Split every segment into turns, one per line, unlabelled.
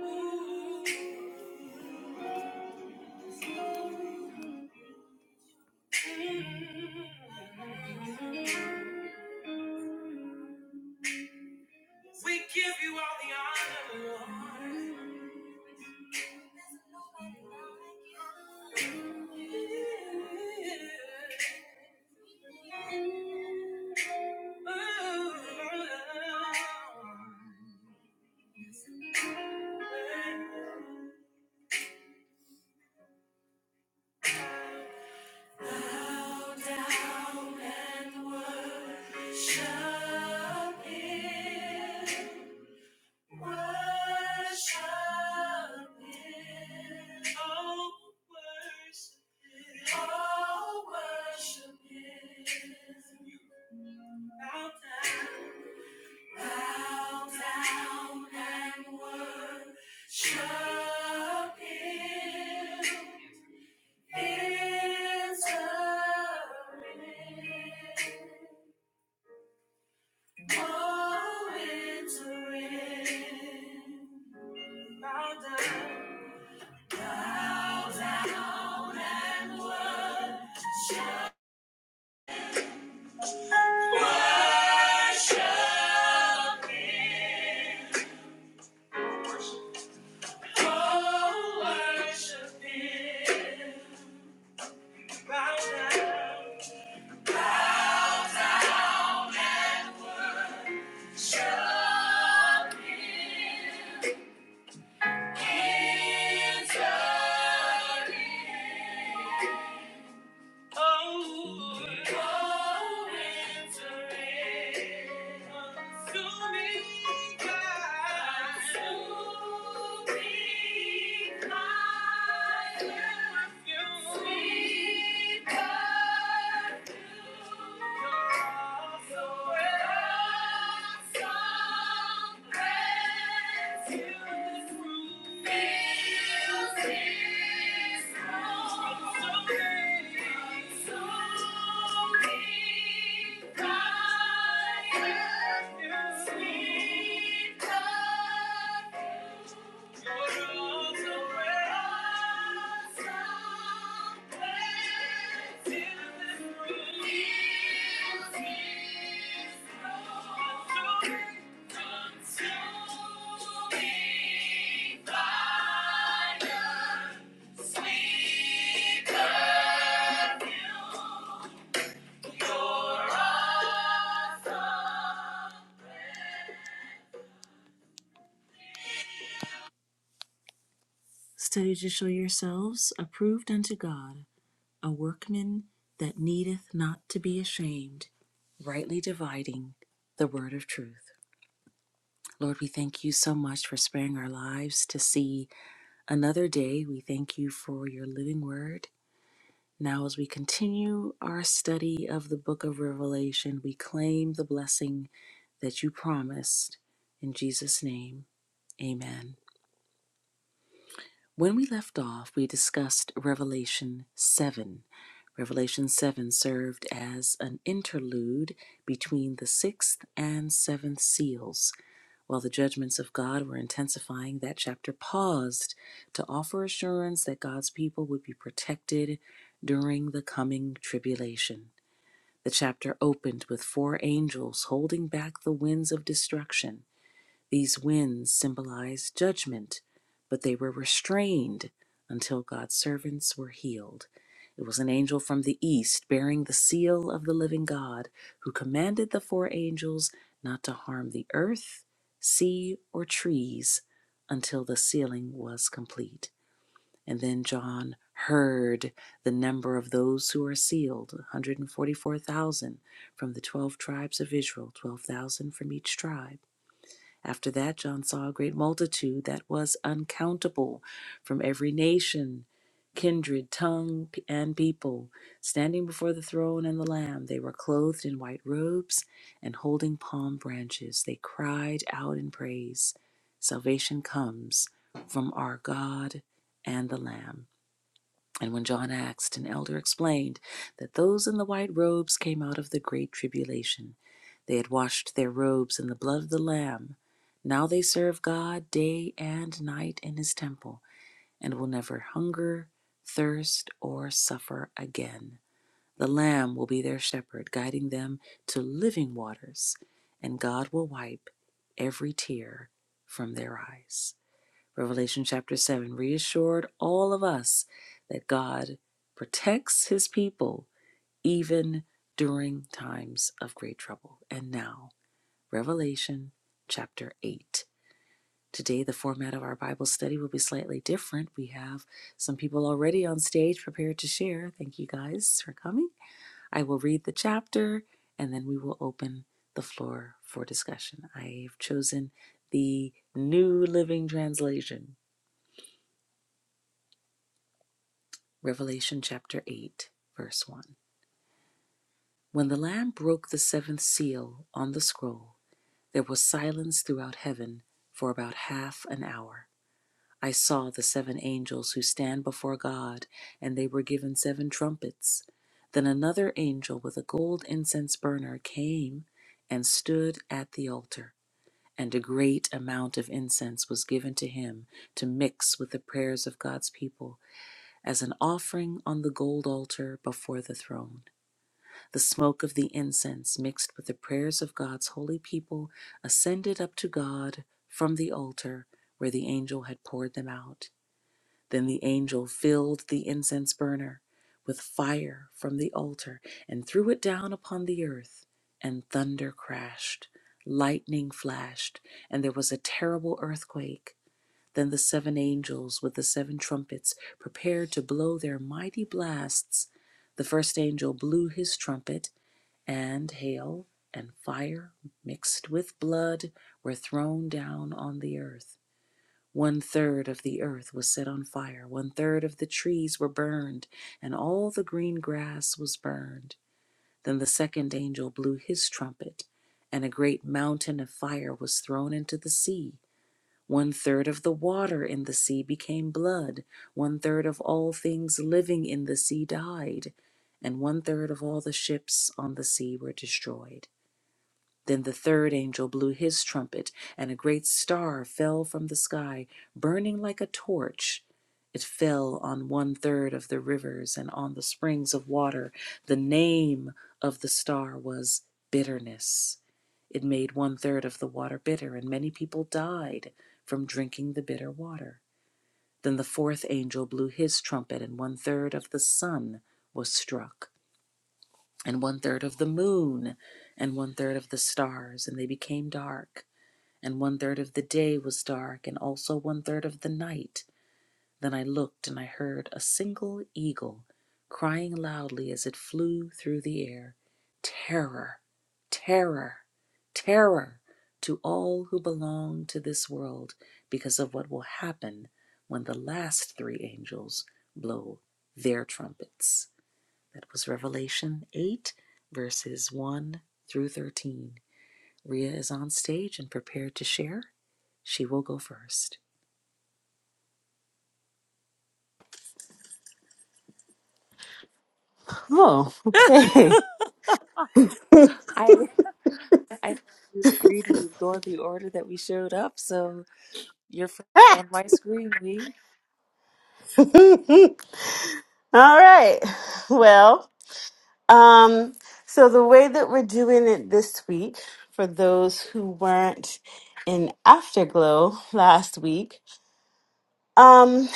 We give you all the honor. Lord. Bow down and worship Him. Worship Him. Oh, worship Him. Oh, worship Him. bow down. Bow down and worship Him. Enter in. Oh, enter in. Bow down. Bow down and worship him. Oh, worship him. Bow down. Worship him. Enter in. Oh, oh, winter is consuming God. Consuming fire. Sweet perfume. Sweet perfume. You're so Sweet perfume. Study to show yourselves approved unto God, a workman that needeth not to be ashamed, rightly dividing the word of truth. Lord, we thank you so much for sparing our lives to see another day. We thank you for your living word. Now, as we continue our study of the book of Revelation, we claim the blessing that you promised. In Jesus' name, amen. When we left off, we discussed Revelation 7 Revelation 7 served as an interlude between the sixth and seventh seals. While the judgments of God were intensifying, that chapter paused to offer assurance that God's people would be protected during the coming tribulation. The chapter opened with four angels holding back the winds of destruction these winds symbolized judgment, but they were restrained until God's servants were healed. It was an angel from the east bearing the seal of the living God who commanded the four angels not to harm the earth, sea, or trees until the sealing was complete. And then John heard the number of those who are sealed 144,000 from the 12 tribes of Israel, 12,000 from each tribe. After that, John saw a great multitude that was uncountable from every nation, kindred, tongue, and people, standing before the throne and the Lamb. They were clothed in white robes and holding palm branches. They cried out in praise Salvation comes from our God and the Lamb. And when John asked, an elder explained that those in the white robes came out of the great tribulation. They had washed their robes in the blood of the Lamb. Now they serve God day and night in his temple and will never hunger, thirst, or suffer again. The Lamb will be their shepherd, guiding them to living waters, and God will wipe every tear from their eyes. Revelation chapter 7 reassured all of us that God protects his people even during times of great trouble. And now, Revelation chapter 8. Today, the format of our Bible study will be slightly different. We have some people already on stage prepared to share. Thank you guys for coming. I will read the chapter and then we will open the floor for discussion. I've chosen the New Living Translation Revelation chapter 8, verse 1. When the Lamb broke the seventh seal on the scroll, there was silence throughout heaven for about half an hour. I saw the seven angels who stand before God, and they were given seven trumpets. Then another angel with a gold incense burner came and stood at the altar, and a great amount of incense was given to him to mix with the prayers of God's people as an offering on the gold altar before the throne. The smoke of the incense, mixed with the prayers of God's holy people, ascended up to God from the altar where the angel had poured them out. Then the angel filled the incense burner with fire from the altar and threw it down upon the earth, and thunder crashed. Lightning flashed, and there was a terrible earthquake. Then the seven angels with the seven trumpets prepared to blow their mighty blasts. The first angel blew his trumpet, and hail and fire mixed with blood were thrown down on the earth. One third of the earth was set on fire, one third of the trees were burned, and all the green grass was burned. Then the second angel blew his trumpet, and a great mountain of fire was thrown into the sea one third of the water in the sea became blood. One third of all things living in the sea died. And one third of all the ships on the sea were destroyed. Then the third angel blew his trumpet, and a great star fell from the sky, burning like a torch. It fell on one third of the rivers and on the springs of water. The name of the star was Bitterness. It made one third of the water bitter, and many people died from drinking the bitter water. Then the fourth angel blew his trumpet, and one third of the sun was struck and one third of the moon, and one third of the stars, and they became dark. And one third of the day was dark, and also one third of the night. Then I looked, and I heard a single eagle crying loudly as it flew through the air Terror, terror, terror to all who belong to this world, because of what will happen when the last three angels blow their trumpets. That was Revelation 8, verses 1 through 13. Rhea is on stage and prepared to share. She will go first.
Oh, okay.
I I thought we agreed we would go in the order that we showed up, so you're first on
All
my screen, we.
right. Well, um, so the way that we're doing it this week, for those who weren't in Afterglow last week, um,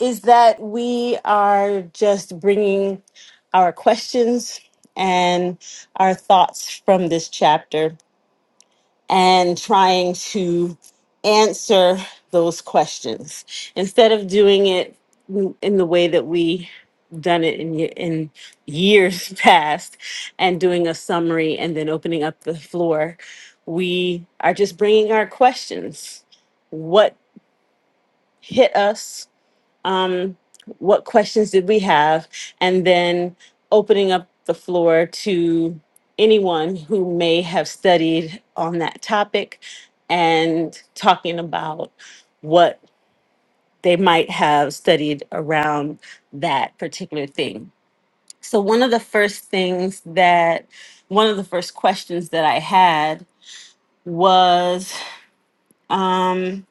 is that we are just bringing our questions and our thoughts from this chapter and trying to answer those questions instead of doing it in the way that we done it in ye- in years past and doing a summary and then opening up the floor we are just bringing our questions what hit us um, what questions did we have, and then opening up the floor to anyone who may have studied on that topic and talking about what they might have studied around that particular thing. So, one of the first things that, one of the first questions that I had was um,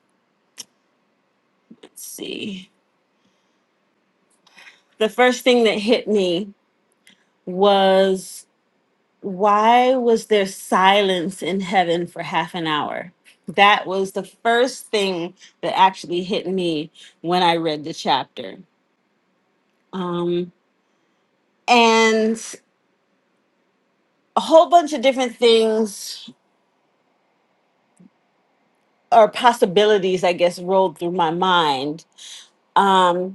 let's see, the first thing that hit me was why was there silence in heaven for half an hour? That was the first thing that actually hit me when I read the chapter. Um, and a whole bunch of different things or possibilities, I guess, rolled through my mind. Um,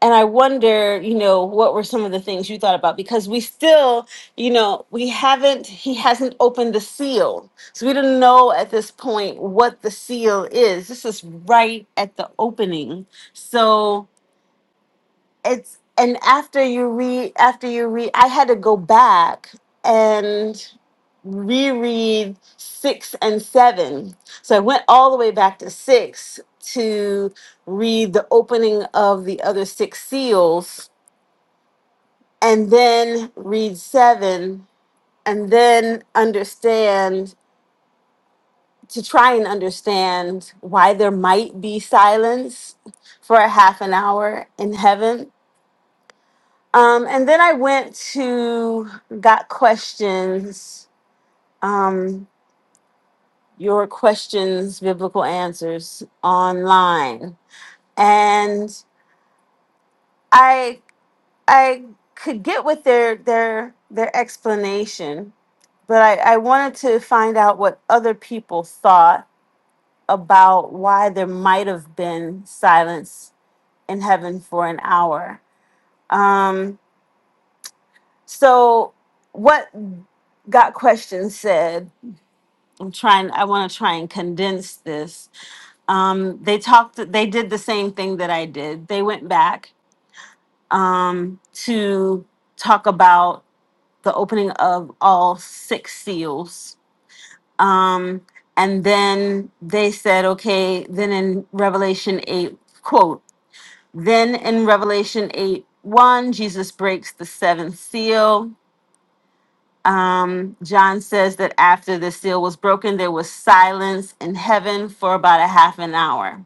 and I wonder, you know, what were some of the things you thought about? Because we still, you know, we haven't, he hasn't opened the seal. So we don't know at this point what the seal is. This is right at the opening. So it's, and after you read, after you read, I had to go back and reread six and seven. So I went all the way back to six to read the opening of the other six seals and then read seven and then understand to try and understand why there might be silence for a half an hour in heaven. Um, and then I went to Got Questions, um, Your Questions, Biblical Answers online. And I I could get with their their their explanation but I, I wanted to find out what other people thought about why there might have been silence in heaven for an hour. Um, so, what Got Question said, I'm trying, I want to try and condense this. Um, they talked, they did the same thing that I did. They went back um, to talk about the opening of all six seals Um, and then they said, okay, then in Revelation 8, quote, then in Revelation 8, 1, Jesus breaks the seventh seal. Um, John says that after the seal was broken, there was silence in heaven for about a half an hour.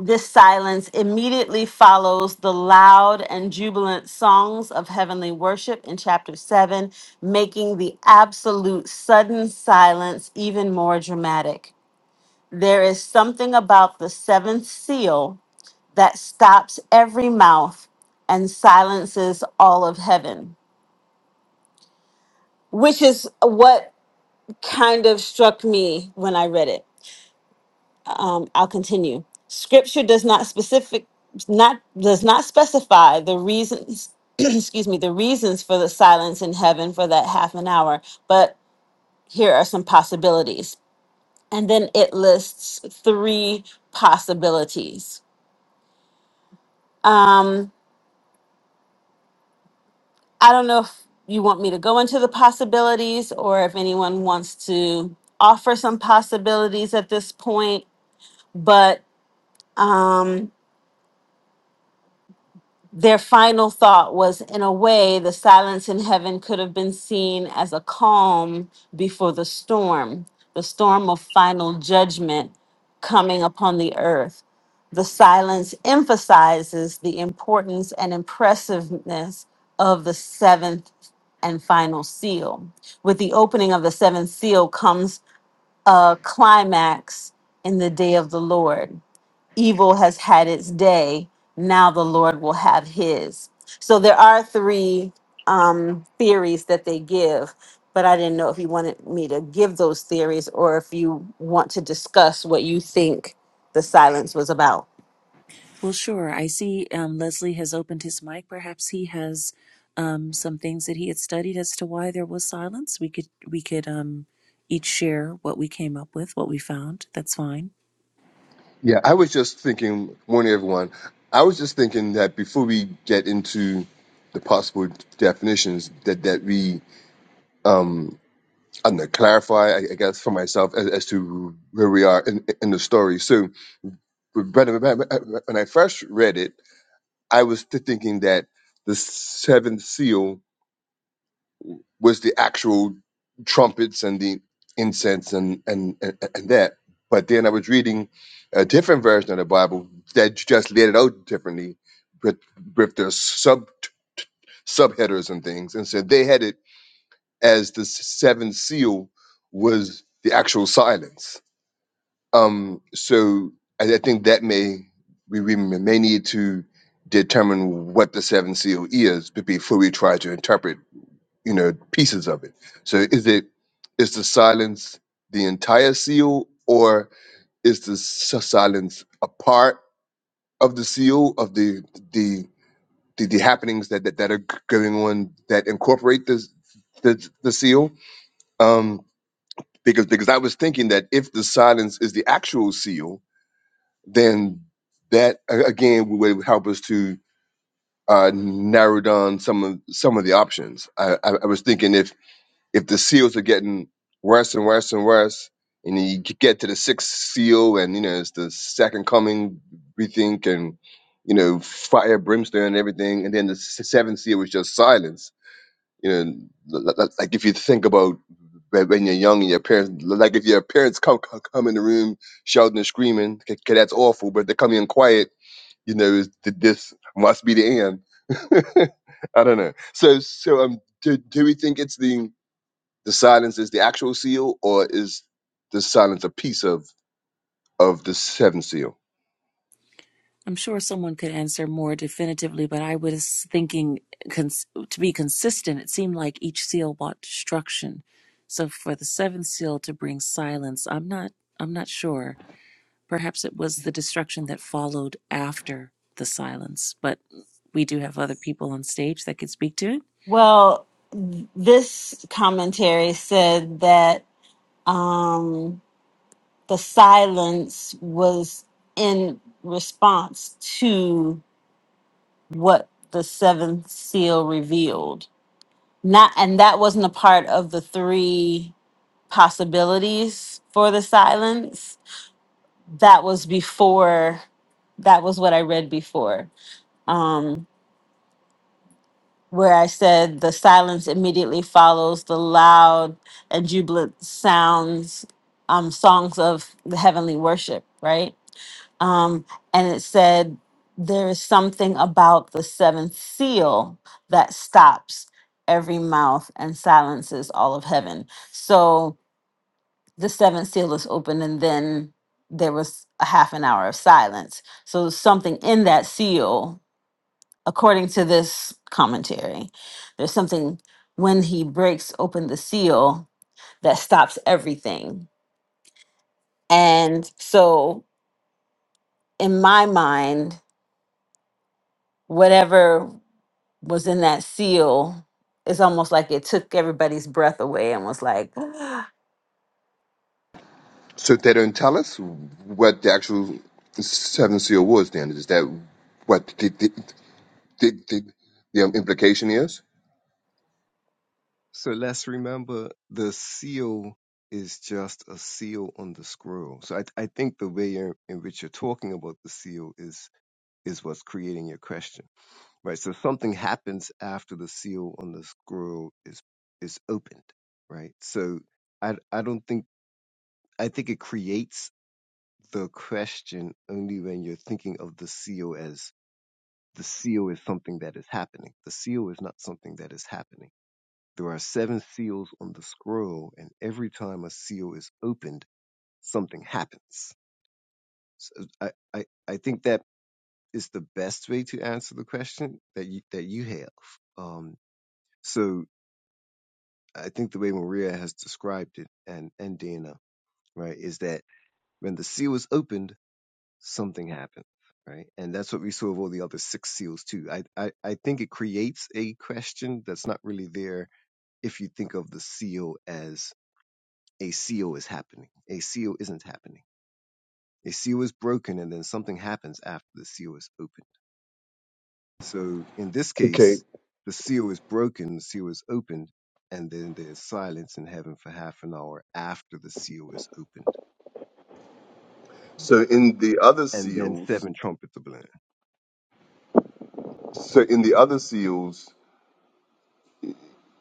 This silence immediately follows the loud and jubilant songs of heavenly worship in chapter 7, making the absolute sudden silence even more dramatic. There is something about the seventh seal that stops every mouth and silences all of heaven, which is what kind of struck me when I read it. Um, I'll continue. Scripture does not specific not does not specify the reasons excuse me the reasons for the silence in heaven for that half an hour but here are some possibilities and then it lists three possibilities Um, I don't know if you want me to go into the possibilities or if anyone wants to offer some possibilities at this point, but um, Their final thought was in a way, the silence in heaven could have been seen as a calm before the storm, the storm of final judgment coming upon the earth. The silence emphasizes the importance and impressiveness of the seventh and final seal. With the opening of the seventh seal comes a climax in the day of the Lord evil has had its day. Now the Lord will have his. So there are three um, theories that they give, but I didn't know if you wanted me to give those theories or if you want to discuss what you think the silence was about.
Well, sure. I see um, Leslie has opened his mic. Perhaps he has um, some things that he had studied as to why there was silence. We could we could um, each share what we came up with, what we found. That's fine.
Yeah, I was just thinking, morning everyone. I was just thinking that before we get into the possible definitions, that that we um I'm gonna clarify, I, I guess, for myself as, as to where we are in, in the story. So, but when when- when I first read it, I was th- thinking that the seventh seal was the actual trumpets and the incense and and and, and that. But then I was reading a different version of the Bible that just laid it out differently with with the sub subheaders and things, and said they had it as the seventh seal was the actual silence. Um, so I, I think that may we, we may need to determine what the seventh seal is before we try to interpret you know pieces of it so is it is the silence the entire seal or is the s- silence a part of the seal of the the the, the happenings that, that that are g- going on that incorporate this the, the seal um because because i was thinking that if the silence is the actual seal then that a- again would help us to uh narrow down some of some of the options i i, I was thinking if. if the seals are getting worse and worse and worse, and you get to the sixth seal, and you know it's the second coming, we think, and you know fire, brimstone, and everything, and then the s- seventh seal was just silence. You know, l- l- like if you think about whe- when you're young and your parents, like if your parents come come, come in the room shouting and screaming, okay, okay, that's awful. But if they come in quiet, you know, is th- this must be the end. I don't know. So, so um, do, do we think it's the the silence is the actual seal, or is the silence a piece of of the seventh seal?
I'm sure someone could answer more definitively, but I was thinking cons- to be consistent, it seemed like each seal brought destruction. So for the seventh seal to bring silence, I'm not I'm not sure. Perhaps it was the destruction that followed after the silence, but we do have other people on stage that could speak to it.
Well, th- this commentary said that um, the silence was in response to what the seventh seal revealed Not and that wasn't a part of the three possibilities for the silence. That was before that was what I read before. Um where I said the silence immediately follows the loud and jubilant sounds, um, songs of the heavenly worship, right? um, and it said there is something about the seventh seal that stops every mouth and silences all of heaven. So the seventh seal is open, and then there was a half an hour of silence. So something in that seal, according to this commentary, there's something when he breaks open the seal that stops everything. And so in my mind, whatever was in that seal, it's almost like it took everybody's breath away and was like,
So they don't tell us what the actual seventh seal was. Then is that what the the, the, the, the um, implication is?
So let's remember the seal is just a seal on the scroll. So I, I think the way in, in which you're talking about the seal is is what's creating your question, right? So something happens after the seal on the scroll is is opened, right? So I I don't think I think it creates the question only when you're thinking of the seal as the seal is something that is happening. The seal is not something that is happening there are seven seals on the scroll, and every time a seal is opened, something happens. So I, I, I think that is the best way to answer the question that you, that you have. Um, so I think the way Maria has described it and, and Dana, right, is that when the seal is opened, something happens, right? And that's what we saw of all the other six seals too. I, I, I think it creates a question that's not really there if you think of the seal as a seal is happening. A seal isn't happening. A seal is broken and then something happens after the seal is opened. So in this
Okay.
case, the seal is broken, the seal is opened, and then there's silence in heaven for half an hour after the seal is opened.
So in the other
And then
seals,
seven trumpets are blown.
so in the other seals,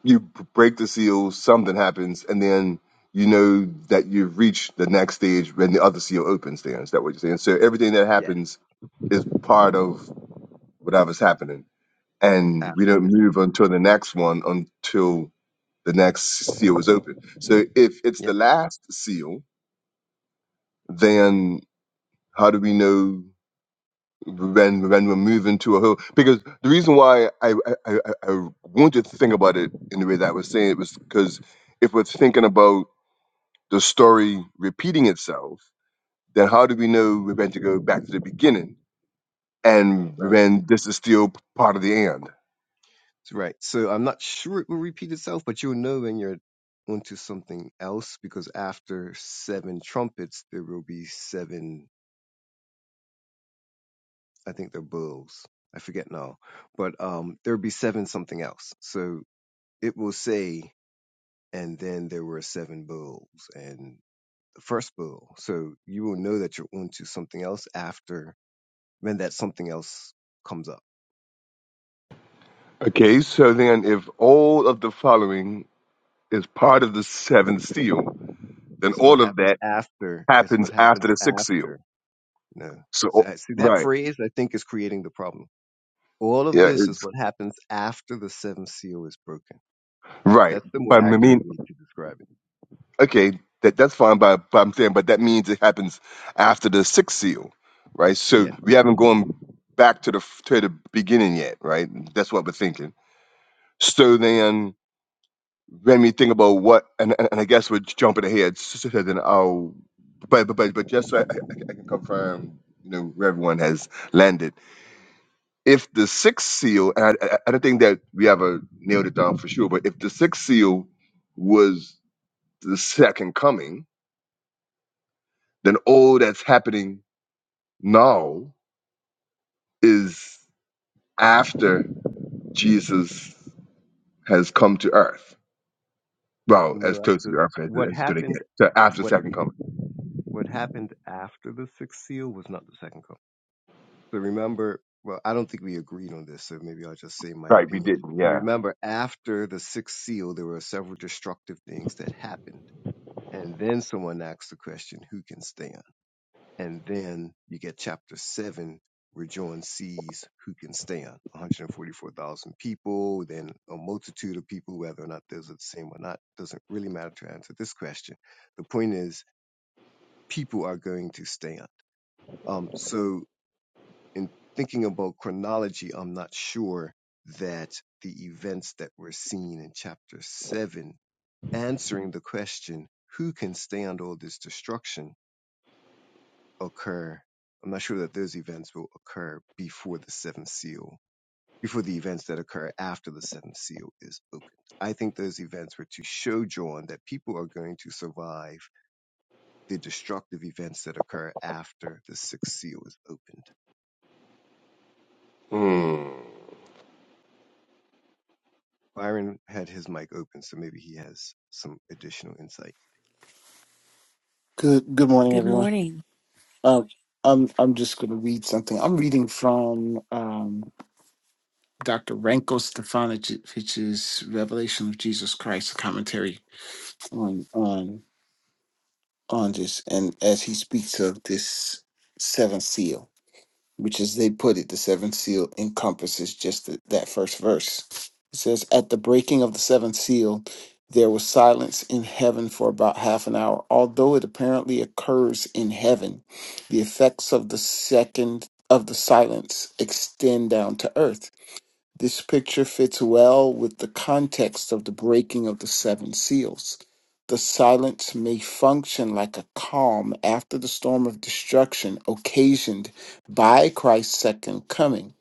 you b- break the seal, something happens, and then you know that you've reached the next stage when the other seal opens. Then is that what you're saying? So everything that
Yes,
happens is part of whatever's happening. and
after
we don't
that
move
seal.
until the next one until the next seal is open. So if it's the
Yep,
last seal, then how do we know when when we're moving to a whole? Because the reason why I I, I, I I wanted to think about it in the way that I was saying it was because if we're thinking about the story repeating itself, then how do we know we're going to go back to the beginning and
right.
when this is still part of the end?
That's Right. So I'm not sure it will repeat itself, but you'll know when you're onto something else because after seven trumpets, there will be seven I think they're bulls. I forget now, but um, there would be seven something else. So it will say, and then there were seven bulls, and the first bull. So you will know that you're onto something else after when that something else comes up.
Okay, so then if all of the following is part of the seventh seal, then
It's what
all of
happens
that
after. It's
happens
what
after
happens
the sixth seal.
after. No,
So
see
oh,
I- see, that
right,
phrase. I think is creating the problem. All of
yeah,
this is
it's
what happens after the seventh seal is broken.
right.
That's the
But I
more accurate
mean,
way to describe it.
okay, that that's fine. But, but I'm saying, but that means it happens after the sixth seal, right? So
Yeah.
we haven't gone back to the to the beginning yet, right? That's what we're thinking. So then. when we think about what, and, and, and I guess we're jumping ahead, s- s- then I'll, but, but, but, but just so I, I, I can confirm, you know, where everyone has landed. If the sixth seal, and I, I I don't think that we ever nailed it down for sure, but if the sixth seal was the second coming, then all that's happening now is after Jesus has come to earth. Well, as
No, that's
close to
the-
the earth as,
what
as it's going to
happened
get. So after the
what
second coming.
what happened after the sixth seal was not the second coming. So remember, well, I don't think we agreed on this, so maybe I'll just say my
Right, we
opinion.
didn't,
So
yeah.
remember, after the sixth seal, there were several destructive things that happened. And then someone asks the question, who can stand? And then you get chapter seven, where John sees who can stand 144,000 people, then a multitude of people, whether or not those are the same or not, doesn't really matter to answer this question. The point is, people are going to stand Um, so, in thinking about chronology, I'm not sure that the events that were seen in chapter 7, answering the question, who can stand all this destruction, occur. I'm not sure that those events will occur before the seventh seal, before the events that occur after the seventh seal is opened. I think those events were to show John that people are going to survive the destructive events that occur after the sixth seal is opened
Hmm.
Byron had his mic open, so maybe he has some additional insight.
Good good morning,
Good
everyone.
morning.
Um, I'm I'm just going to read something. I'm reading from um, Dr. Ranko Stefanovic's Revelation of Jesus Christ, a commentary on on on this, and as he speaks of this seventh seal. which as they put it, the seventh seal encompasses just th- that first verse. It says, At the breaking of the seventh seal, there was silence in heaven for about half an hour. Although it apparently occurs in heaven, the effects of the second of the silence extend down to earth. This picture fits well with the context of the breaking of the seven seals. The silence may function like a calm after the storm of destruction occasioned by Christ's second coming.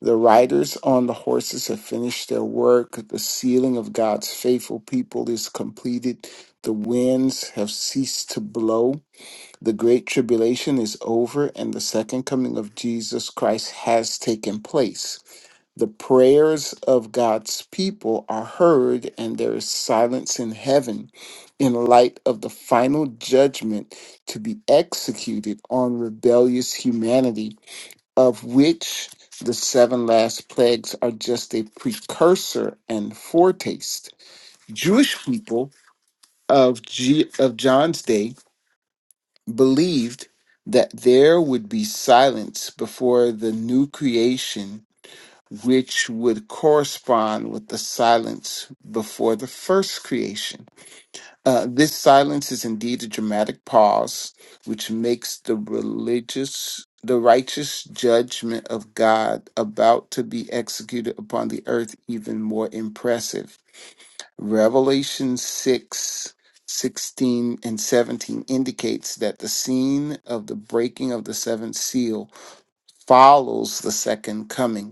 The riders on the horses have finished their work. The sealing of God's faithful people is completed. The winds have ceased to blow. The great tribulation is over, and the second coming of Jesus Christ has taken place. The prayers of God's people are heard, and there is silence in heaven in light of the final judgment to be executed on rebellious humanity, of which the seven last plagues are just a precursor and foretaste. Jewish people of, G- of John's day believed that there would be silence before the new creation which would correspond with the silence before the first creation. Uh, this silence is indeed a dramatic pause, which makes the religious, the righteous judgment of God about to be executed upon the earth even more impressive. Revelation 6 16 and 17 indicates that the scene of the breaking of the seventh seal follows the second coming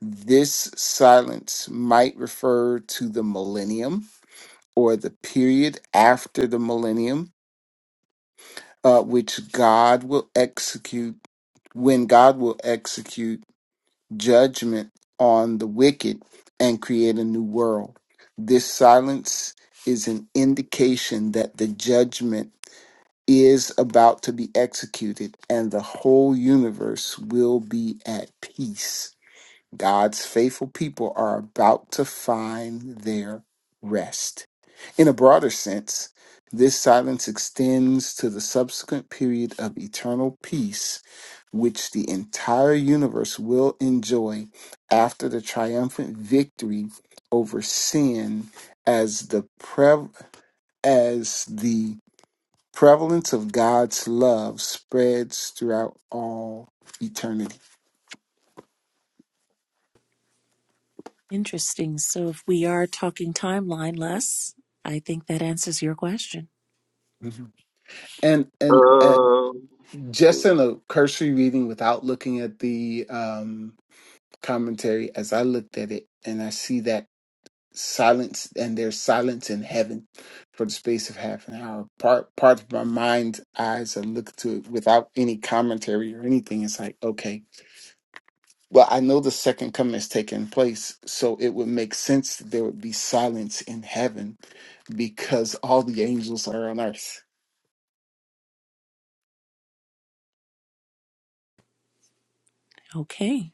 this silence might refer to the millennium or the period after the millennium, uh, which God will execute when God will execute judgment on the wicked and create a new world. This silence is an indication that the judgment is about to be executed and the whole universe will be at peace. God's faithful people are about to find their rest. In a broader sense, this silence extends to the subsequent period of eternal peace, which the entire universe will enjoy after the triumphant victory over sin as the pre- as the prevalence of God's love spreads throughout all eternity.
Interesting. So if we are talking timeline less, I think that answers your question.
Mhm. And and uh,
Um,
just in a cursory reading without looking at the um, commentary as i looked at it and i see that silence and there's silence in heaven for the space of half an hour part part of my mind's eyes are look to it without any commentary or anything it's like okay well i know the second coming has taken place so it would make sense that there would be silence in heaven because all the angels are on earth
Okay.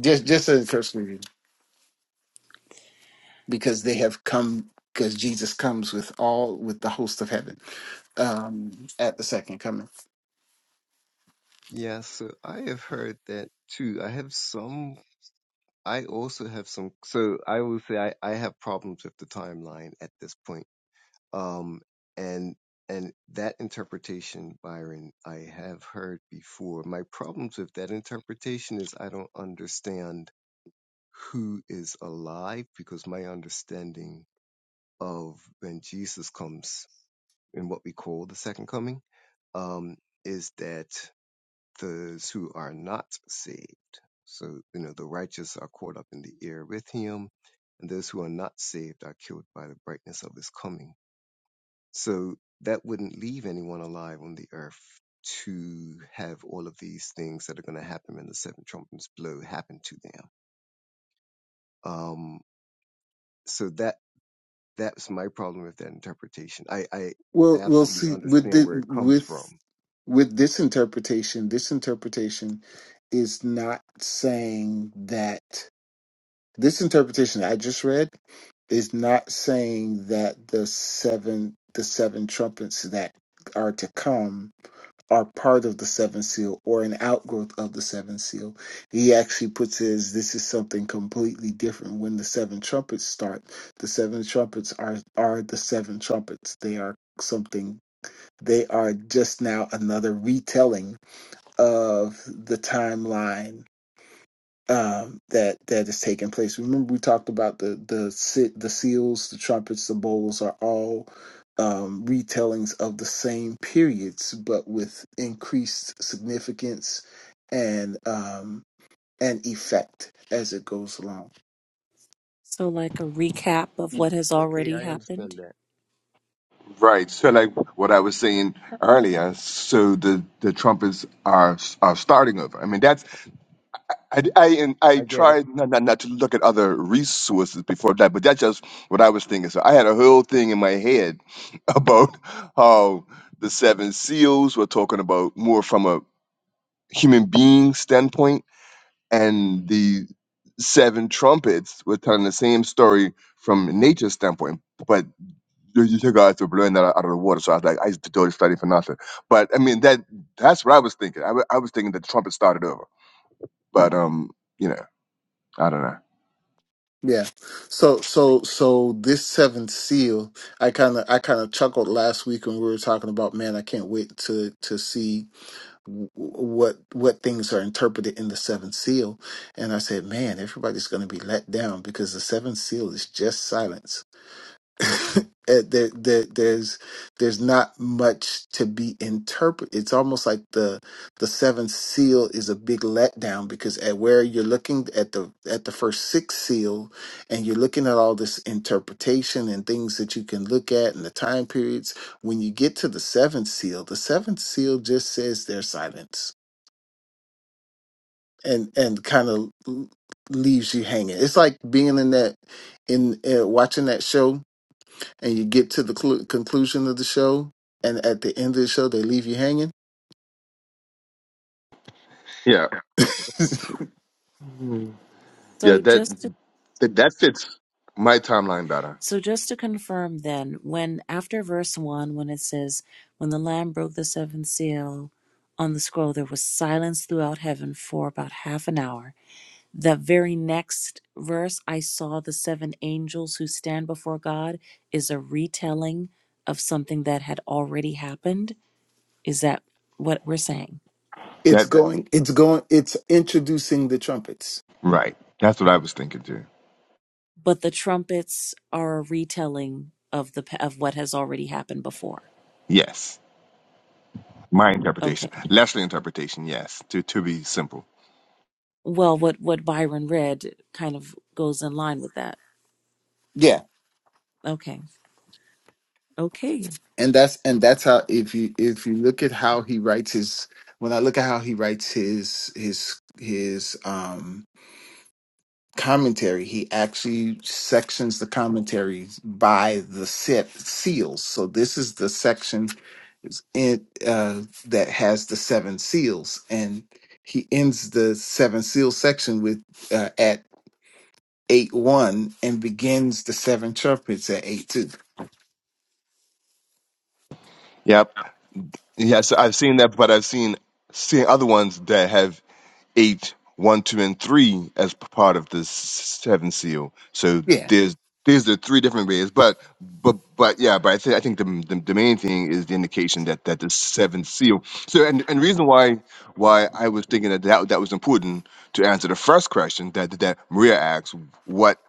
just just in cursory reading. because they have come because Jesus comes with all with the host of heaven um, at the second coming.
Yeah, so I have heard that too. I have some, I also have some, so I will say I, I have problems with the timeline at this point. Um, and, and that interpretation, Byron, I have heard before. My problems with that interpretation is I don't understand who is alive because my understanding of when Jesus comes in what we call the second coming um, is that those who are not saved, so you know the righteous are caught up in the air with him, and those who are not saved are killed by the brightness of his coming. So that wouldn't leave anyone alive on the earth to have all of these things that are going to happen when the seven trumpets blow happen to them. Um, so that that's my problem with that interpretation. I I, I
Well, we'll
absolutely
see with
understand
the,
where it comes
with
from.
with this interpretation. This interpretation is not saying that this interpretation I just read is not saying that the seven the seven trumpets that are to come are part of the seven seal or an outgrowth of the seven seal. He actually puts it as this is something completely different. When the seven trumpets start, the seven trumpets are are the seven trumpets. They are something they are just now another retelling of the timeline um, that that is taking place. Remember, we talked about the the the seals, the trumpets, the bowls are all um, retellings of the same periods, but with increased significance and um, and effect as it goes along.
So like a recap of what has
Okay,
already
I
happened.
understand that.
Right. So, like what I was saying earlier, so the the Trumpets are are starting over. I mean, that's I I and I
I get it.
tried not, not not to look at other resources before that, but that's just what I was thinking. So I had a whole thing in my head about how the Seven Seals were talking about more from a human being standpoint, and the Seven Trumpets were telling the same story from a nature standpoint. but you, you took out to blowing that out of the water. So I was like, I used to totally study for nothing. But I mean, that that's what I was thinking. I wa- I was thinking that Trump had started over. But um, you know, I don't know.
Yeah. So so so this seventh seal, I kind of I kind of chuckled last week when we were talking about, man, I can't wait to to see w- what what things are interpreted in the seventh seal and i said man everybody's going to be let down because the seventh seal is just silence Uh, there, there, there's there's not much to be interpreted. It's almost like the the seventh seal is a big letdown because at where you're looking at the at the first six seal, and you're looking at all this interpretation and things that you can look at and the time periods. When you get to the seventh seal, the seventh seal just says there's silence and and kind of leaves you hanging. It's like being in that in uh, watching that show and you get to the clu conclusion of the show and at the end of the show they leave you hanging
Yeah, Hmm. yeah,
So
that
just to,
that, that fits my timeline better.
so just to confirm then, when after verse one, when it says, "When the Lamb broke the seventh seal on the scroll, there was silence throughout heaven for about half an hour." The very next verse, "I saw the seven angels who stand before God," is a retelling of something that had already happened. Is that what we're saying?
it's
That
going it's going it's introducing the trumpets
right. That's what I was thinking too.
But the trumpets are a retelling of the pa- of what has already happened before.
Yes, my
Okay.
interpretation, Leslie interpretation. Yes, to to be simple.
Well, what what Byron read kind of goes in line with that.
yeah
Okay. Okay.
and that's and that's how if you if you look at how he writes his when i look at how he writes his his his um commentary he actually sections the commentaries by the set seals so this is the section in uh, that has the seven seals, and he ends the seven seal section with uh, at eight one, and begins the seven trumpets at eight two.
Yep. Yes, I've seen that, but I've seen seen other ones that have eight, one, two, and three as p- part of the s- seven seal. So
Yeah,
there's there's the three different ways, but but but yeah, but I think I think the, the the main thing is the indication that that the seventh seal. So and and reason why why I was thinking that that, that was important to answer the first question that that Maria asked, what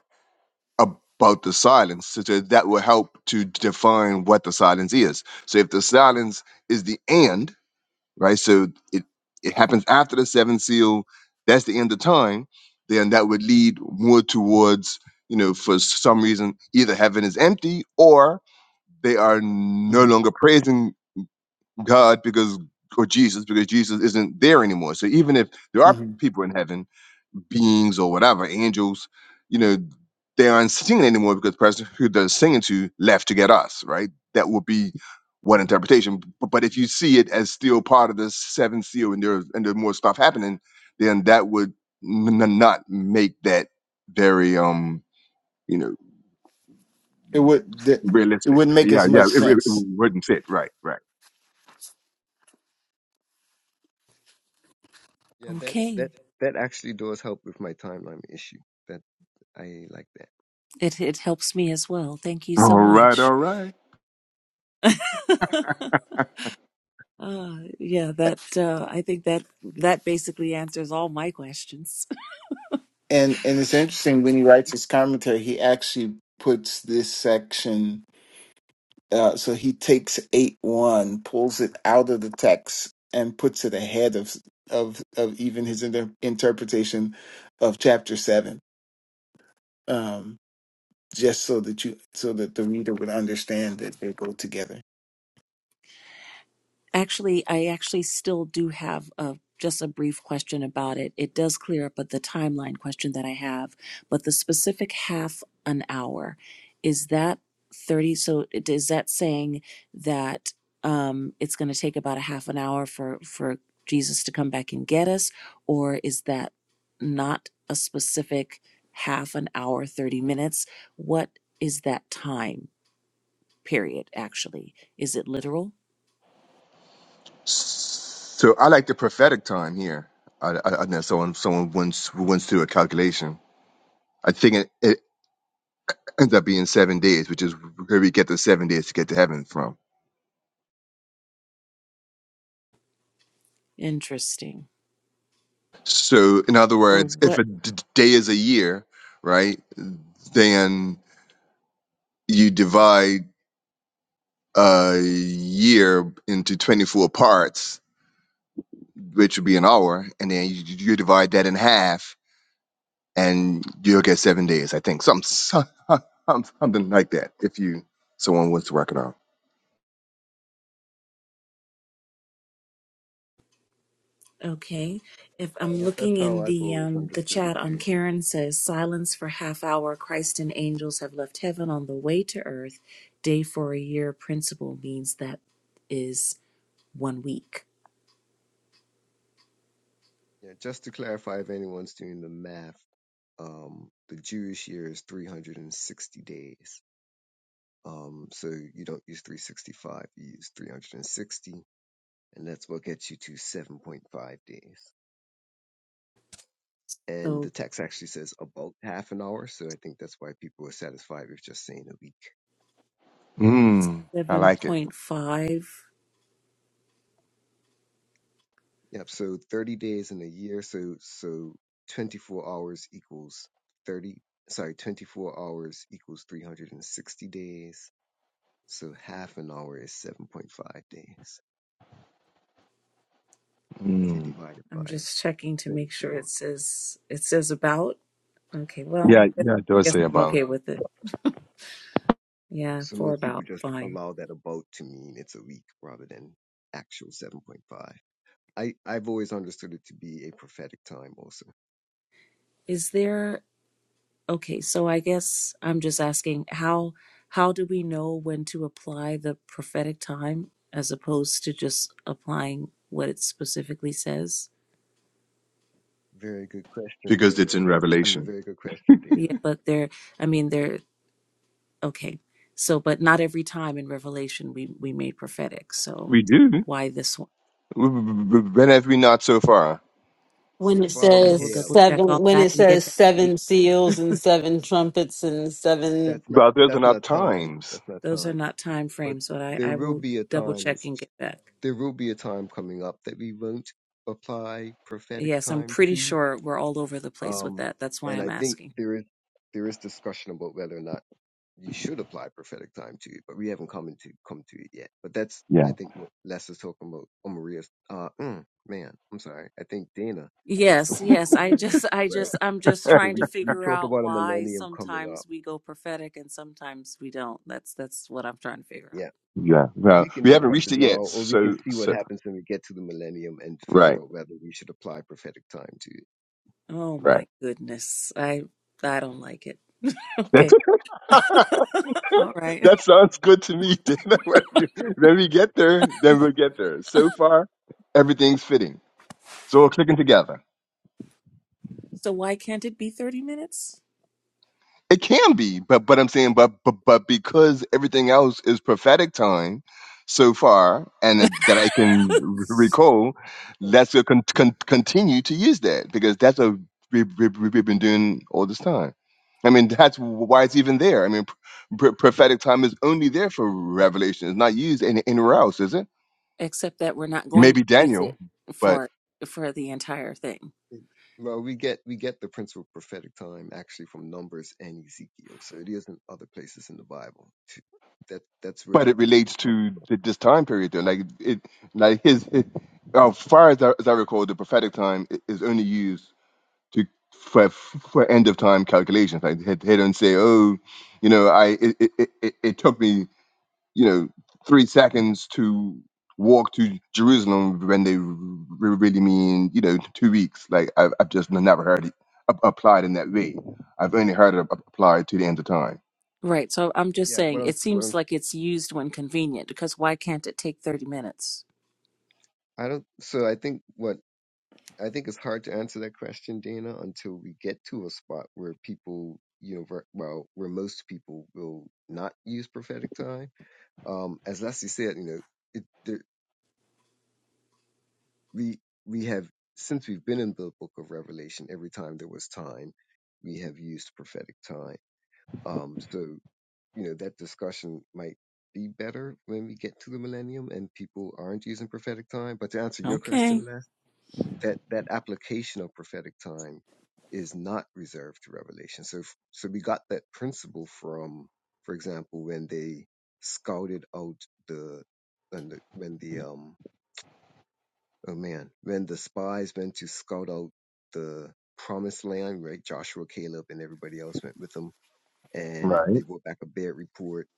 about the silence? So that that will help to define what the silence is. So if the silence is the and right? So it it happens after the seventh seal. That's the end of time. Then that would lead more towards you know for some reason either heaven is empty or they are no
hmm
longer praising God because or Jesus because Jesus isn't there anymore. So even if there are
hmm
people in heaven beings or whatever, angels, you know, they aren't singing anymore because the person who they're singing to left to get us, right? That would be one interpretation. But, but if you see it as still part of the seventh seal and there's and there's more stuff happening, then that would n- n- not make that very um you know
it would th- it
realistic.
wouldn't make as
Yeah, yeah,
much
it, it it
sense.
wouldn't fit. Right, right.
Yeah, that
Okay.
that that actually does help with my timeline issue. That I like that.
It it helps me as well. Thank you
All
so
right,
much.
all right.
Uh yeah, that uh I think that that basically answers all my questions.
And and it's interesting when he writes his commentary, he actually puts this section. Uh, so he takes eight one, pulls it out of the text, and puts it ahead of of of even his inter- interpretation of chapter seven, um, just so that you so that the reader would understand that they go together.
Actually, I actually still do have a just a brief question about it. It does clear up the timeline question that I have, but the specific half an hour is that 30 so it- is that saying that um it's going to take about a half an hour for for Jesus to come back and get us or is that not a specific half an hour 30 minutes? What is that time period actually? Is it literal?
So I like the prophetic time here. I, I, I know someone someone once once through a calculation I think it, it ends up being seven days, which is where we get the seven days to get to heaven from.
Interesting.
So, in other
So
words, if
what?
a d- d- day is a year, right, then you divide a year into 24 parts, which would be an hour, and then you, you divide that in half, and you'll get seven days, I think. Some, some, something like that, if you someone wants to work it out.
Okay, if I'm
Yeah,
looking
that's how
in
I've
the
always
um, the
understood it
chat on
too.
Karen says silence for half hour. Christ and angels have left heaven on the way to earth. Day for a year principle means that is one week.
Yeah, just to clarify, if anyone's doing the math, um, the Jewish year is 360 days. Um, so you don't use 365, you use 360, and sixty, and that's what gets you to 7.5 days. And the
So
text actually says about half an hour, so I think that's why people are satisfied with just saying a week.
Mm, I
seven
like it.
point five.
Yep. So 30 days in a year. So, so 24 hours equals 30. Sorry, 24 hours equals 360 days. So half an hour is 7.5 days if you
Mm.
divide it
I'm
by
just checking to make sure
24.
it says it says about. Okay, well,
Yeah,
I guess,
yeah, it does
guess
say
I'm
about
okay with it. Yeah,
So
for
most people
about
just
fine.
allow that about to mean it's a week rather than actual 7.5. I, I've always understood it to be a prophetic time also.
Is there? Okay, so I guess I'm just asking how how do we know when to apply the prophetic time as opposed to just applying what it specifically says?
Very good question,
because it's
Maria.
in
I mean,
Revelation.
very good question,
Yeah,
Dana.
but there, I mean, there. Okay, so but not every time in Revelation we we made prophetic. So
We do.
why this one?
When have we not so far?
when
So
it
far
I
we
says
will
have.
double check
seven,
on
when
that
it
and get
says
back to you.
seven seals and seven trumpets and seven,
that's not
But those are
that's
not
not time.
times.
That's not
Those are
time.
not time
But
frames, but I
there
I
will
will
be a
double
time.
check and get back.
There will be a time coming up that we won't apply prophetic
Yes, I'm
time
pretty
to.
sure we're all over the place with
Um,
that. That's why
and
I'm
I think
asking.
there is there is discussion about whether or not you should apply prophetic time to it, but we haven't come into come to it yet. But that's I
Yeah.
think what Les is talking about. Or Maria's. Uh, mm, man, I'm sorry. I think Dana is
Yes,
talking about the
yes. I just,
millennium,
I
right?
just, I'm just
So
trying to
we we
figure
talk
out
about a
why
millennium coming up.
sometimes we go prophetic and sometimes we don't. That's that's what I'm trying to figure
Yeah.
out.
Yeah. Well,
we can
we haven't
discuss
reached
it
it
now,
yet.
or we can
So,
see what
so
happens when we get to the millennium and figure
right,
out whether we should apply prophetic time to it.
Oh
right.
my goodness, I I don't like it.
That's
Okay, all right.
that sounds good to me. Then when you- when we get there, then we'll get there. So far, everything's fitting. So we're clicking together.
So why can't it be 30 minutes?
It can be, but but I'm saying, but but but because everything else is prophetic time so far, and that that I can r-
So
recall,
far.
let's go con- con- continue to use that because that's what we've, we've, we've been doing all this time. I mean, that's why it's even there. I mean, pr- prophetic time is only there for revelation; it's not used any, anywhere else, is it?
Except that we're not going to
Maybe
use
Daniel,
it
but.
for for the entire thing.
Well, we get we get the principle of prophetic time actually from Numbers and Ezekiel, so it is isn't other places in the Bible. That that's where
but
that
it
principle
relates
comes
to
from.
th- this time period though like it like his it, as far as I, as I recall the prophetic time i- is only used to for for end of time calculations like they they don't say oh you know i it, it, it, it it took me you know three seconds to walk to jerusalem when they r- really mean you know two weeks like i've, I've just never heard it a- applied in that way i've only heard it a- applied to the end of time
Right. So I'm just
Yeah, but
saying,
I'm,
it
what
seems
I'm,
like it's used when convenient because why can't it take 30 minutes?
I don't. So I think what I think it's hard to answer that question, Dana, until we get to a spot where people, you know, ver- well, where most people will not use prophetic time. Um, as Leslie said, you know, it. there, we we have since we've been in the book of revelation every time there was time we have used prophetic time um so you know that discussion might be better when we get to the millennium and people aren't using prophetic time but to answer your
Okay.
question Les, that that application of prophetic time is not reserved to revelation so f- so we got that principle from for example when they scouted out the when the when the um Oh man, when the spies went to scout out the promised land, right? Joshua, Caleb, and everybody else went with them, and
Right,
they brought back a bad report,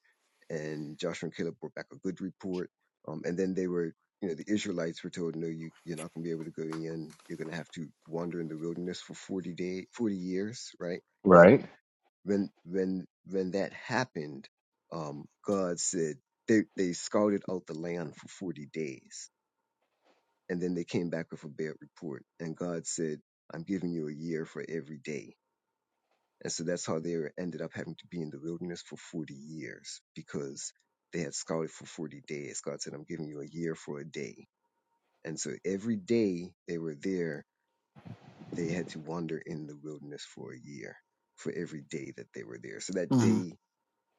and Joshua and Caleb brought back a good report. Um, and then they were, you know, the Israelites were told, no, you you're not going to be able to go in. You're going to have to wander in the wilderness for forty day, forty years, right? But
right.
when when when that happened, um, God said they they scouted out the land for forty days and then they came back with a bad report. And God said, I'm giving you a year for every day. And so that's how they ended up having to be in the wilderness for 40 years because they had scouted for 40 days. God said, I'm giving you a year for a day. And so every day they were there, they had to wander in the wilderness for a year for every day that they were there. So that
hmm
day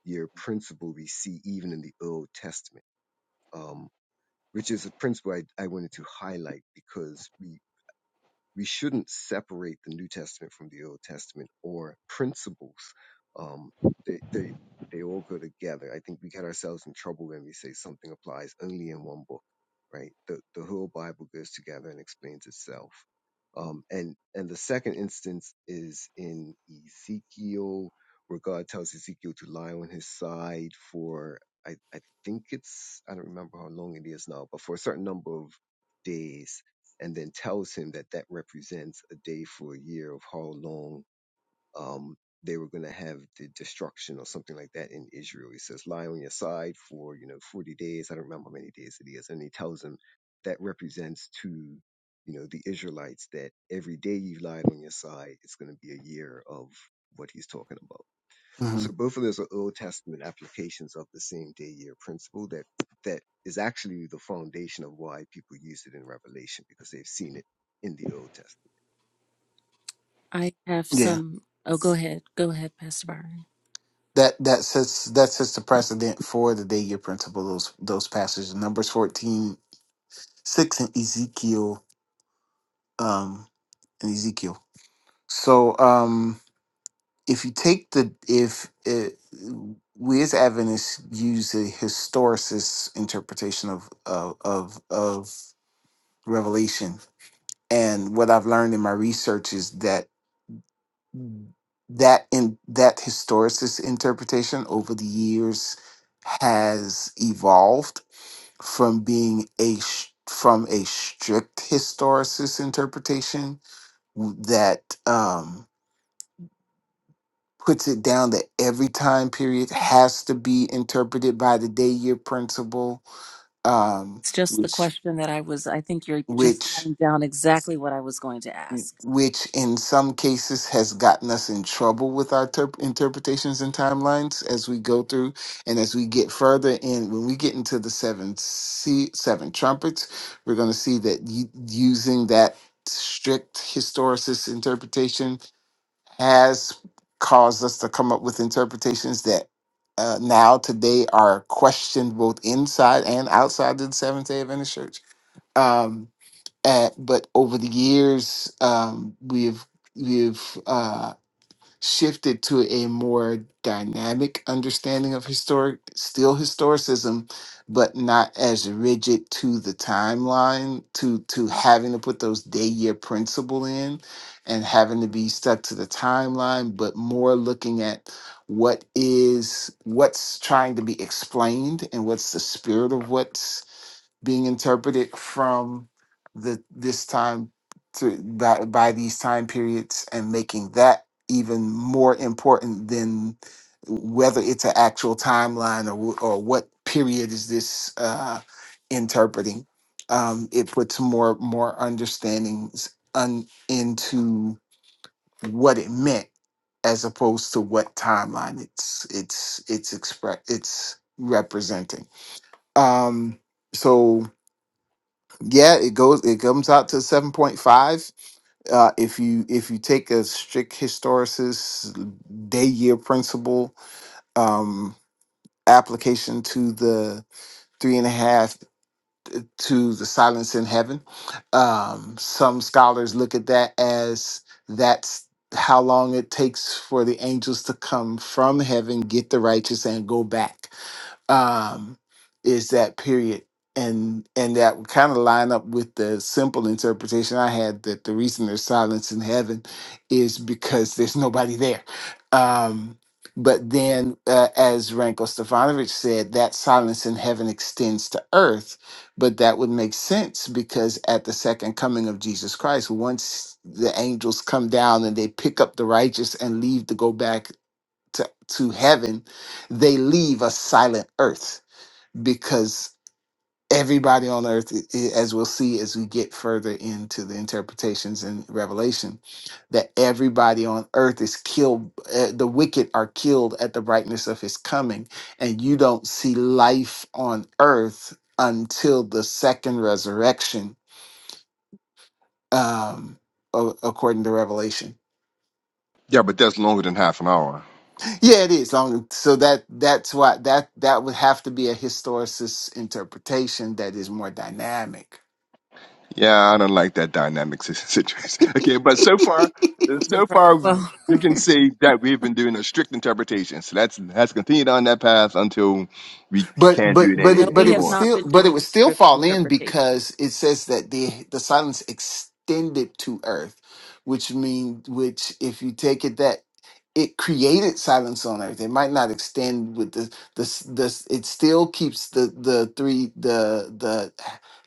year principle we see even in the Old Testament. Um, which is a principle I, I wanted to highlight because we we shouldn't separate the New Testament from the Old Testament or principles. Um, they, they, they all go together. I think we get ourselves in trouble when we say something applies only in one book, right? The, the whole Bible goes together and explains itself. Um, and, and the second instance is in Ezekiel, where God tells Ezekiel to lie on his side for, I, I think it's, I don't remember how long it is now, but for a certain number of days and then tells him that that represents a day for a year of how long um, they were going to have the destruction or something like that in Israel. He says, lie on your side for, you know, 40 days. I don't remember how many days it is. And he tells him that represents to, you know, the Israelites that every day you lied on your side, it's going to be a year of what he's talking about.
hmm
So both of those are Old Testament applications of the same day year principle that that is actually the foundation of why people use it in Revelation because they've seen it in the Old Testament.
I have
Yeah,
some. Oh, go ahead. Go ahead, Pastor Byron.
that that sets that sets the precedent for the day year principle. Those those passages, Numbers fourteen six and Ezekiel, um, and Ezekiel. So, um, if you take the if uh, we as Adventists use a historicist interpretation of of of, of Revelation, and what I've learned in my research is that that in that historicist interpretation over the years has evolved from being a sh- from a strict historicist interpretation that um puts it down that every time period has to be interpreted by the day year principle um
It's just the
which
question that I was, I think you're just
which
going down exactly what I was going to ask.
which in some cases has gotten us in trouble with our ter- interpretations and timelines as we go through and as we get further in when we get into the seven C, seven trumpets we're going to see that u- using that strict historicist interpretation has caused us to come up with interpretations that uh, now today are questioned both inside and outside of the Seventh Day Adventist Church. Um, and- but over the years, um, we've we've uh, shifted to a more dynamic understanding of historic, still historicism, but not as rigid to the timeline, to to having to put those day year principle in and having to be stuck to the timeline, but more looking at what is what's trying to be explained and what's the spirit of what's being interpreted from the this time to by, by these time periods and making that even more important than whether it's an actual timeline or wh- or what period is this uh, interpreting. Um, it puts more more understandings un, into what it meant as opposed to what timeline it's it's it's express it's representing. Um, so yeah it goes it comes out to 7.5 uh if you if you take a strict historicist day year principle um application to the three and a half to the silence in heaven um some scholars look at that as that's how long it takes for the angels to come from heaven get the righteous and go back um, is that period and and that would kind of line up with the simple interpretation i had that the reason there's silence in heaven is because there's nobody there um, but then uh, as ranko stefanovic said that silence in heaven extends to earth but that would make sense because at the second coming of jesus christ once the angels come down and they pick up the righteous and leave to go back to, to heaven, they leave a silent earth because everybody on earth, i- i- as we'll see as we get further into the interpretations in Revelation, that everybody on earth is killed, uh, the wicked are killed at the brightness of his coming, and you don't see life on earth until the second resurrection, um, a- according to Revelation
yeah but that's longer than half an hour
Yeah, it is. Um, so that that's why that that would have to be a historicist interpretation that is more dynamic.
Yeah, I don't like that dynamic si- situation. Okay, but so far, so
Right.
far,
Well,
you can see that we've been doing a strict interpretation. So let's let's continue down that path until we
But
can't
but
do it
but
any,
no,
any-
it but
we
it would
have
anymore.
not
still
been
but it
doing
would
a
still
script
fall in
interpretation.
because it says that the the silence extended to earth, which mean which if you take it that it created silence on earth. It might not extend with the the s- the s- it still keeps the the three the the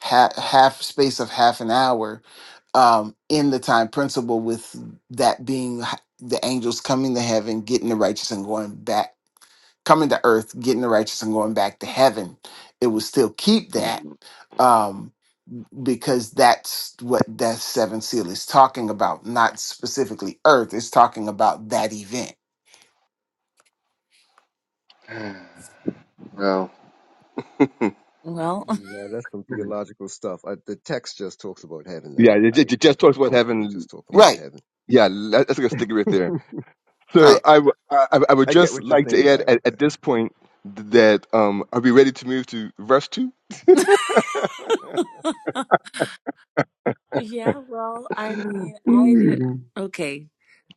ha- half space of half an hour um, in the time principle with that being h- the angels coming to heaven, getting the righteous and going back, coming to earth, getting the righteous and going back to heaven. It would still keep that
Mm.
um, because that's what that seven seal is talking about, not specifically earth. It's talking about that event.
Well, yeah,
Well,
Yeah, that's some theological stuff. I, the text just talks about heaven, and
it,
I,
ju- ju-
I I
just
feel
towards what
comfortable
happened.
just talking about
Right,
heaven.
Yeah, let- let's go stick it right there. So
right.
I, w- I I- I would
I get
just
what you're
like to
saying,
add at,
Byron.
at this point that um, are we ready to move to verse two?
yeah, well, I mean, I did.
Mm.
Okay.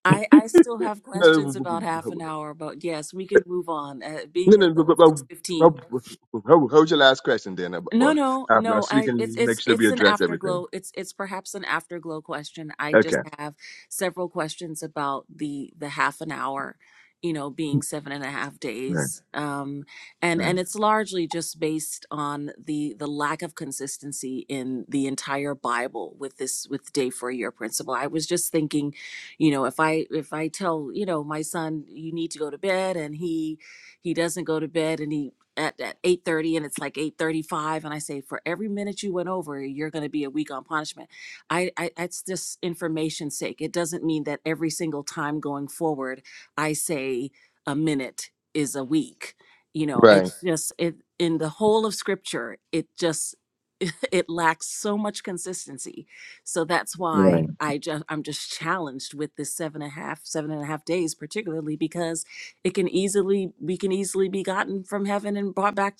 I, I still have questions
No,
about half an hour, but yes, we can move on. Uh,
No,
being as
no, but,
though
but,
it's 6.15.
but, but, hold hold your last question then. uh, But,
No,
but
no,
I'm not
no. I it's
speaking. Make
it's
sure
it's
we
an
address everything.
afterglow. It's it's perhaps an afterglow question. I
Okay.
just have several questions about the the half an hour, you know, being seven and a half
Right.
days. Um and
Right.
and it's largely just based on the the lack of consistency in the entire Bible with this with day for a year principle. I was just thinking, you know, if I if I tell, you know, my son you need to go to bed and he he doesn't go to bed and he at, at 8.30 and it's like 8.35 and i say for every minute you went over you're going to be a week on punishment I, I it's just information's sake it doesn't mean that every single time going forward i say a minute is a week you know
Right.
it's Right. just it in the whole of scripture it just it lacks so much consistency so that's why
right.
i just i'm just challenged with this seven and a half seven and a half days particularly because it can easily we can easily be gotten from heaven and brought back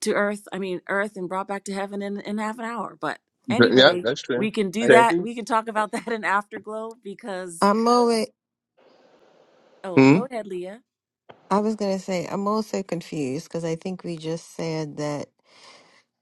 to earth i mean earth and brought back to heaven in, in half an hour but
Th- Yeah,
I
anyway
that's true.
we can do
I
Okay.
that
think
we can talk about that in afterglow because
I'm always,
oh
Hmm.
go ahead leah
I was going to say, I'm also confused because I think we just said that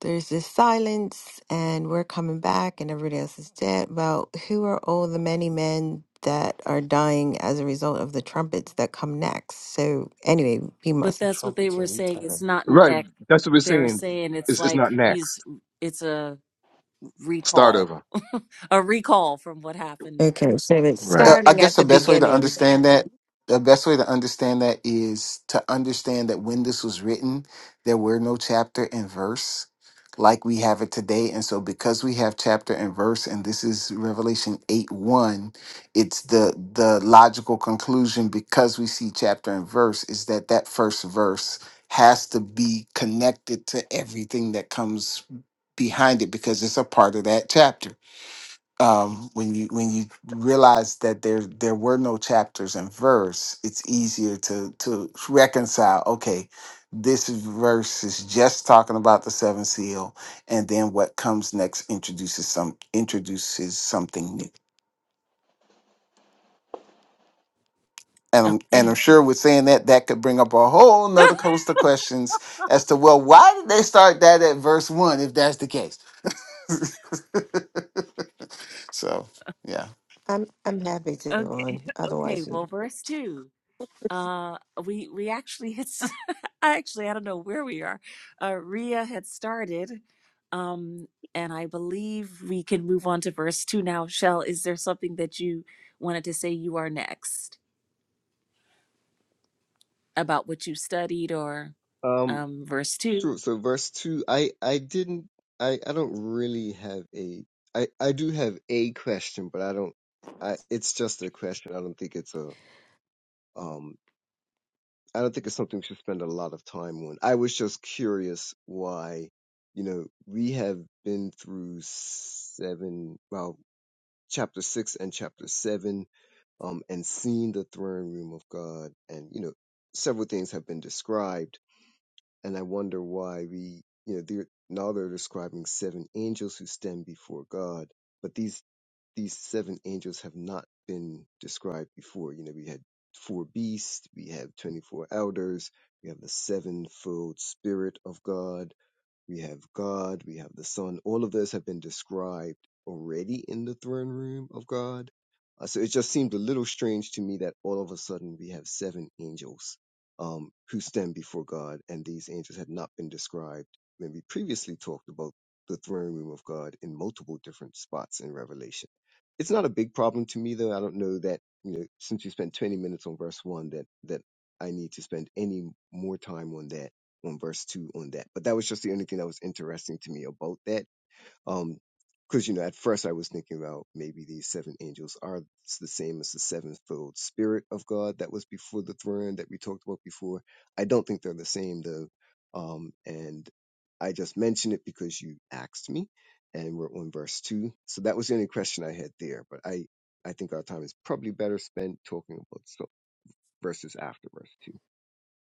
there's this silence and we're coming back and everybody else is dead. Well, who are all the many men that are dying as a result of the trumpets that come next? So, anyway, we
but
must.
that's what they were saying it's not
Right.
next
That's what we're
they were
saying.
saying it's
It's, it's
like
not
he's
next.
it's a
Start
recall
over.
a recall from what happened
Okay, so it's
before
uh,
Right.
I
starting
guess
at
the
the
best way to
beginning.
understand that, the best way to understand that is to understand that when this was written, there were no chapter and verse like we have it today. And so because we have chapter and verse, and this is Revelation 8 1, it's the the logical conclusion because we see chapter and verse is that that first verse has to be connected to everything that comes behind it because it's a part of that chapter um, when you when you realize that there there were no chapters and verse, it's easier to to reconcile. Okay, this verse is just talking about the seven seal, and then what comes next introduces some introduces something new. And I'm, and I'm
okay
sure with saying that that could bring up a whole nother host of questions as to well why did they start that at verse one if that's the case. so yeah,
I'm I'm happy to go
okay
on.
okay
Otherwise, we...
well verse 2 uh we we actually had s- I actually I don't know where we are. Uh Rhea had started um and I believe we can move on to verse 2 now. Shell, is there something that you wanted to say you are next about what you studied or
um
um verse 2?
sure. So verse two, I I didn't I I don't really have a I I do have a question, but I don't. I it's just a question. I don't think it's a Um, I don't think it's something we should spend a lot of time on. I was just curious why, you know, we have been through seven, well, chapter six and chapter seven, um, and seen the throne room of God, and you know, several things have been described, and I wonder why we, you know, they're, now they're describing seven angels who stand before God, but these these seven angels have not been described before. You know, we had four beasts, we have 24 elders, we have the sevenfold spirit of God we have God, we have the Son. All of those have been described already in the throne room of God. Uh, so it just seemed a little strange to me that all of a sudden we have seven angels um, who stand before God, and these angels had not been described when we previously talked about the throne room of God in multiple different spots in Revelation. It's not a big problem to me, though. I don't know that you know since we spent 20 minutes on verse one that that I need to spend any more time on that on verse 2 on that. But that was just the only thing that was interesting to me about that. Um, because you know, at first I was thinking about maybe these seven angels are the same as the sevenfold spirit of God that was before the throne that we talked about before. I don't think they're the same though. Um, and I just mentioned it because you asked me, and we're on verse two. So that was the only question I had there. But I, I think our time is probably better spent talking about so- verses after verse two.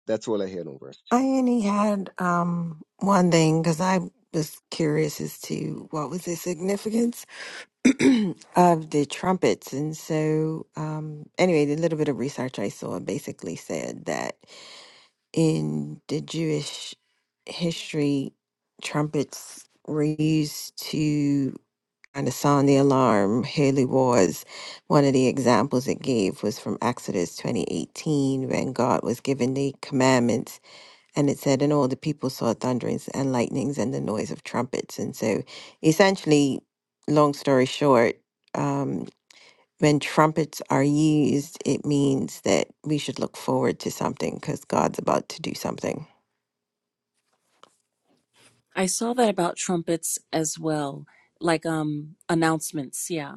That's all I had on verse two.
I only had um one thing because I was curious as to what was the significance of the trumpets. And so, um, anyway, the little bit of research I saw basically said that in the Jewish history, trumpets were used to kind of sound the alarm. Holy wars. One of the examples it gave was from Exodus 2018 when God was given the commandments and it said, and all the people saw thunderings and lightnings and the noise of trumpets. And so, essentially, long story short, um, when trumpets are used, it means that we should look forward to something because God's about to do something.
I saw that about trumpets as well, like um announcements, yeah.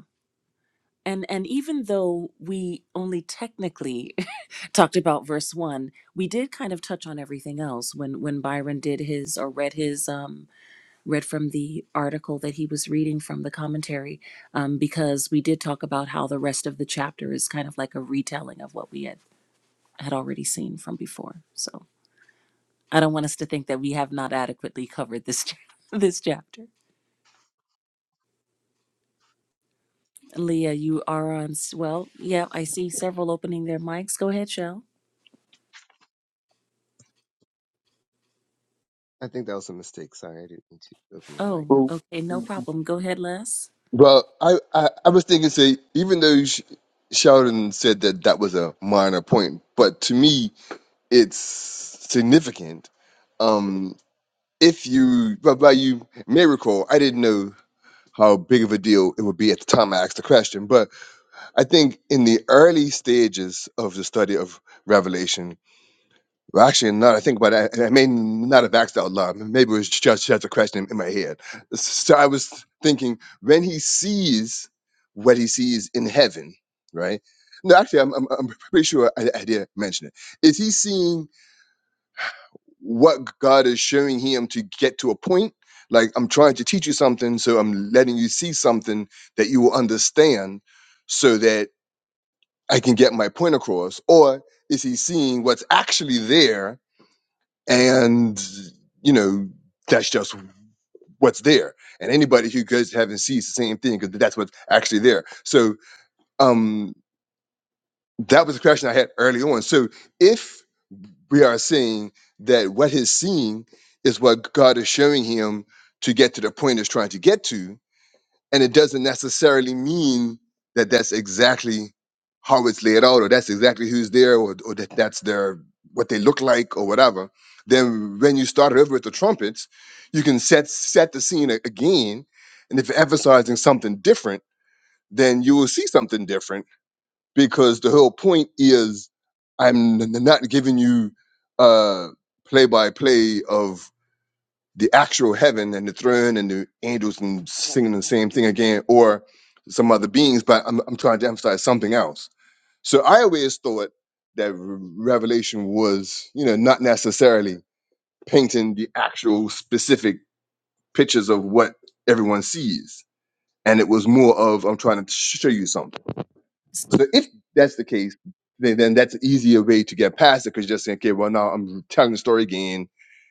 And and even though we only technically talked about verse one we did kind of touch on everything else when when byron did his or read his um read from the article that he was reading from the commentary um because we did talk about how the rest of the chapter is kind of like a retelling of what we had had already seen from before so i don't want us to think that we have not adequately covered this ch- this chapter leah you are on s- well yeah i see several opening their mics go ahead shell
I think that was a mistake. Sorry, I didn't mean to open my mic.
oh
Well,
okay no problem go ahead les
Well, I, I, I was thinking, say, even though Sh- Sheldon said that that was a minor point, but to me, it's significant. Um, if you, but by you may recall, I didn't know how big of a deal it would be at the time I asked the question. But I think in the early stages of the study of Revelation, well, actually, not I think about it, and I may not have asked out loud. Maybe it was just, just a question in my head. So I was thinking when he sees what he sees in heaven, right? No, actually, I'm, I'm, I'm pretty sure I, I did mention it. Is he seeing? what God is showing him to get to a point. Like I'm trying to teach you something, so I'm letting you see something that you will understand, so that I can get my point across. Or is he seeing what's actually there, and you know that's just what's there. And anybody who goes to heaven sees the same thing because that's what's actually there. So um, that was a question I had early on. So if we are saying that what he's seeing is what God is showing him to get to the point he's trying to get to. And it doesn't necessarily mean that that's exactly how it's laid out or that's exactly who's there or, or that that's their what they look like or whatever. Then when you start over with the trumpets, you can set set the scene a- again. And if you're emphasizing something different, then you will see something different because the whole point is I'm n- not giving you uh play by play of the actual heaven and the throne and the angels and singing the same thing again or some other beings, but I'm, I'm trying to emphasize something else. So I always thought that Re- Revelation was, you know, not necessarily painting the actual specific pictures of what everyone sees. And it was more of, I'm trying to show you something so if that's the case, then, then that's an easier way to get past it because you're just saying, okay, well, now I'm telling the story again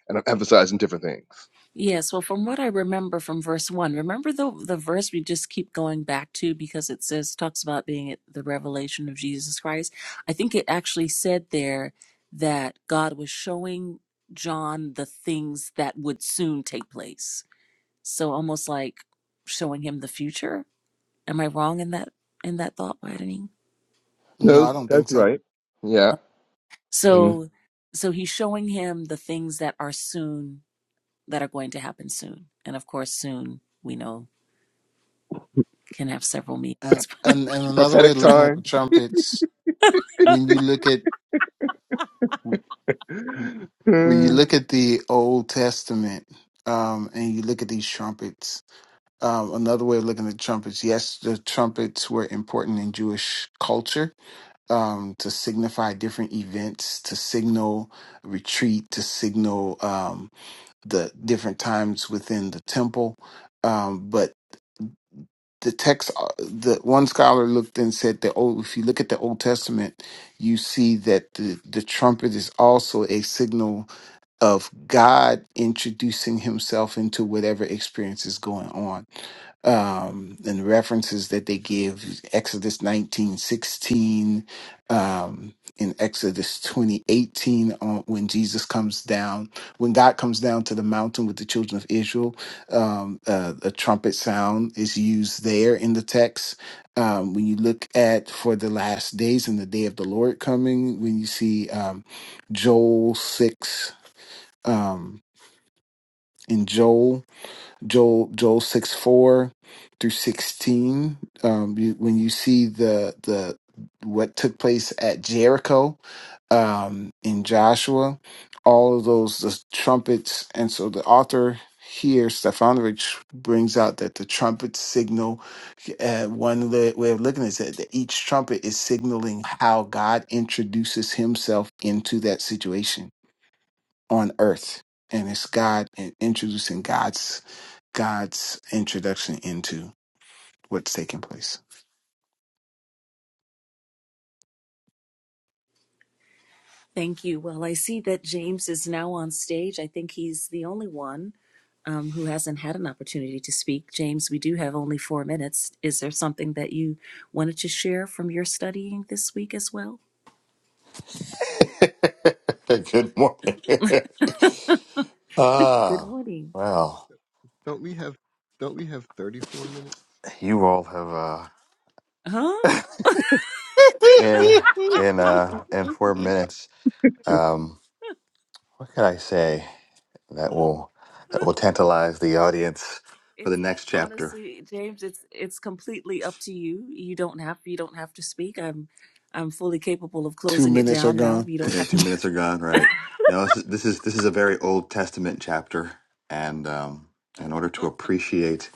and I'm emphasizing different things.
Yes, well, from what I remember from verse one, remember the the verse we just keep going back to because it says talks about being at the revelation of Jesus Christ. I think it actually said there that God was showing John the things that would soon take place. So almost like showing him the future. Am I wrong in that in that thought widening?
no,
No,
I don't think
that's
so.
right. Yeah. Mhm.
So so he's showing him the things that are soon that are going to happen soon. And of course soon we know can have several meanings.
And and and another way
Prophetic
of looking at the
time.
trumpets, when you look at when you
Hmm.
look at the Old Testament, um, and you look at these trumpets, um, another way of looking at trumpets, yes, the trumpets were important in Jewish culture, um, to signify different events, to signal retreat, to signal um, the different times within the temple. Um, but the text uh, the one scholar looked and said that oh if you look at the old testament you see that the, the trumpet is also a signal of God introducing himself into whatever experience is going on. Um, and the references that they give, Exodus nineteen sixteen, um, in Exodus twenty eighteen, on when Jesus comes down, when God comes down to the mountain with the children of Israel, um, uh, a trumpet sound is used there in the text. Um, when you look at for the last days and the day of the Lord coming, when you see um, Joel 6 um, in Joel, Joel, Joel six four through sixteen. Um, you, when you see the the what took place at Jericho um, in Joshua, all of those the trumpets, and so the author here Stefanovic brings out that the trumpet signal. Uh, one li- way of looking at it is that that each trumpet is signaling how God introduces Himself into that situation on earth and it's god and introducing god's god's introduction into what's taking place
Thank you. Well, I see that James is now on stage. I think he's the only one um, who hasn't had an opportunity to speak. James, we do have only four minutes. Is there something that you wanted to share from your studying this week as well?
Good morning.
Good
ah,
morning.
well,
Don't we have don't we have thirty four minutes?
you all have uh,
Huh?
in in uh, in four minutes. Um, what could I say that will that will tantalize the audience for the
It's
next chapter?
honestly, James, it's it's completely up to you. You don't have you don't have to speak. I'm I'm fully capable of
two
closing it
minutes are
down now
gone
if you don't
Eh,
have
two minutes are gone, right? No, this is this is this is a very Old Testament chapter, and um, in order to appreciate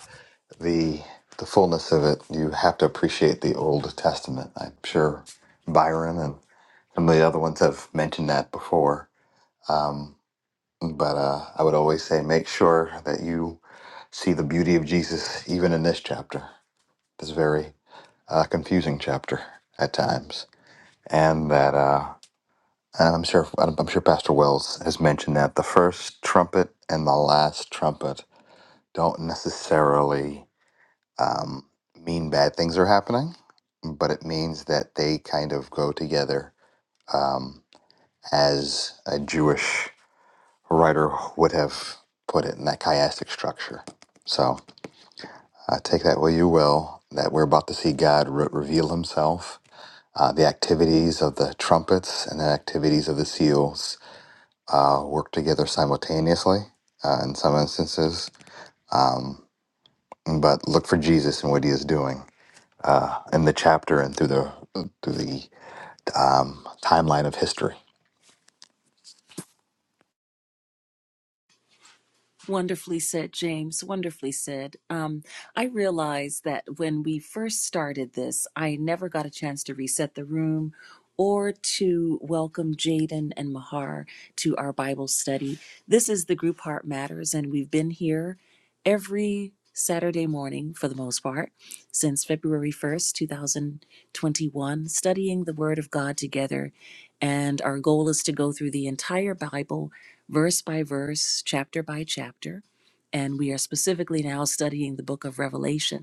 the the fullness of it, you have to appreciate the Old Testament. I'm sure Byron and some of the other ones have mentioned that before. But uh, I would always say make sure that you see the beauty of Jesus even in this chapter, this very uh, confusing chapter at times, and that uh, and I'm sure I'm sure Pastor Wells has mentioned that the first trumpet and the last trumpet don't necessarily um, mean bad things are happening, but it means that they kind of go together, um, as a Jewish writer would have put it in that chiastic structure. So uh, take that where you will, that we're about to see God re- reveal himself. Uh, the activities of the trumpets and the activities of the seals uh, work together simultaneously uh, in some instances. Um, but look for Jesus and what he is doing uh, in the chapter and through the through the um, timeline of history.
Wonderfully said, James. Wonderfully said. Um, I realized that when we first started this, I never got a chance to reset the room or to welcome Jaden and Mahar to our Bible study. This is the group Heart Matters, and we've been here every Saturday morning for the most part since February 1st, 2021, studying the Word of God together. And our goal is to go through the entire Bible verse by verse, chapter by chapter. And we are specifically now studying the book of Revelation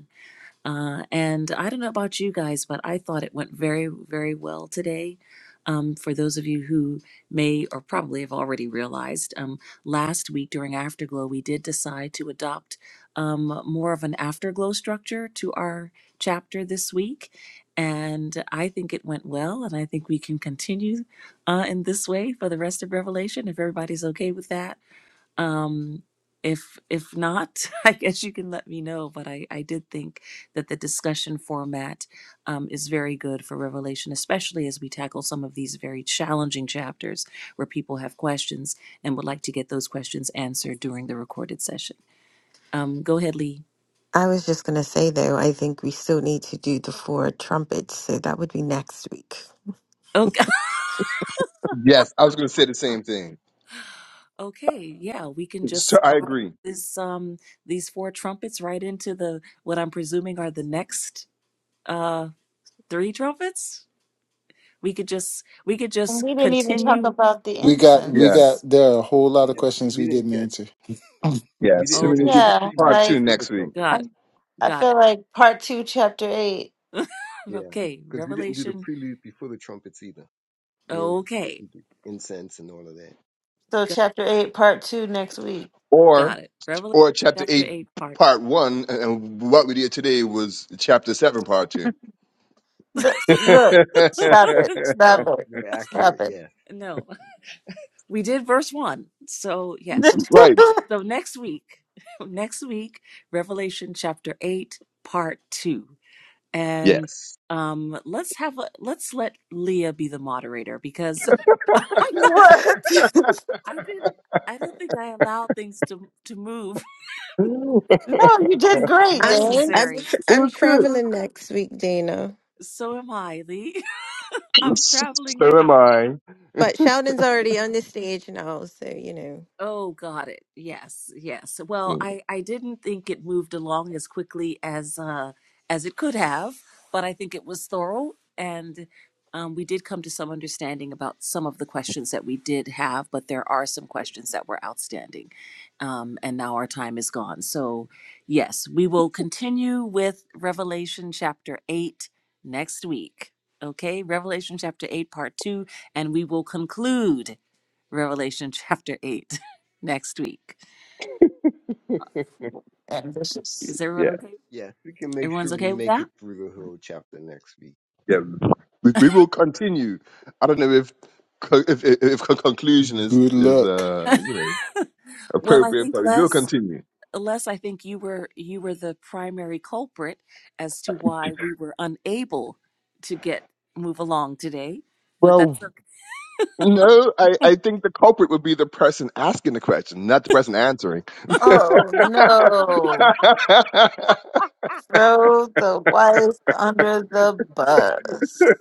uh, and I don't know about you guys, but I thought it went very, very well today. Um, for those of you who may or probably have already realized, um, last week during Afterglow, we did decide to adopt um, more of an Afterglow structure to our chapter this week. And I think it went well, and I think we can continue uh, in this way for the rest of Revelation if everybody's okay with that um if if not i guess you can let me know but i i did think that the discussion format um, is very good for revelation especially as we tackle some of these very challenging chapters where people have questions and would like to get those questions answered during the recorded session um go ahead lee
I was just going to say, though, I think we still need to do the four trumpets. So that would be next week.
okay
yes, I was going to say the same thing.
okay yeah we can just
So I
slide
agree.
this um these four trumpets right into the what i'm presuming are the next uh three trumpets We could just we could just
And we didn't even talk
continue.
about the
We got we
Yeah.
got
incense.
there are a whole lot of
Yeah.
questions
We
we
didn't
didn't
get
answer.
Yeah.
we didn't
So we need
finish
to do
the
Okay,
Yeah,
prelude
part two
like
before the
next week
trumpet.
got
I,
it,
I
got
feel like part two, chapter eight.
it.
Yeah.
okay,
Because we didn't do the
Revelation.
prelude before the trumpets either. We
Okay,
didn't do incense and all of that.
So
got
chapter
it,
eight, part two next week.
got
or,
it. Revelation
or chapter
chapter
eight,
eight, part.
part one. And and what we did today was chapter seven, part two.
Let's, look, stop it, stop
no,
it,
We're accurate,
stop it.
yeah.
no. We did verse one. So yes. Yeah, so,
right.
so next week, next week, Revelation chapter eight, part two, and
Yes.
um, let's have a let's let Leah be the moderator because. I'm not
What?
I didn't. I don't think I allowed things to to move
it
No,
as,
you
as
did
was
great,
I'm
Dave.
I'm,
necessary.
tr I'm
was good.
traveling next week, Dana.
So am I, Lee. I'm traveling
So am
now.
I.
But Sheldon's already on the stage now, so you know.
Oh, got it. Yes, yes. Well,
Mm,
I I didn't think it moved along as quickly as uh as it could have, but I think it was thorough and um, we did come to some understanding about some of the questions that we did have, but there are some questions that were outstanding. Um, and now our time is gone. So, yes, we will continue with Revelation chapter 8 next week. Okay, Revelation chapter 8, part 2, and we will conclude Revelation chapter 8 next week.
ambitious.
Is everyone
yeah,
okay?
Yeah. We can make sure
Everyone's
we
okay with
make
that?
it through the whole chapter next week.
yeah. We, we will continue. I don't know if co- if, if, if con- conclusion is
Good
is
luck.
uh you know
Well, I
appropriate,
think
but we will
Les
continue.
Les I think you were you were the primary culprit as to why we were unable to get move along today, but
Well,
that's okay.
no, I I think the culprit would be the person asking the question, not the person answering.
Oh no. Throw the wife under the bus.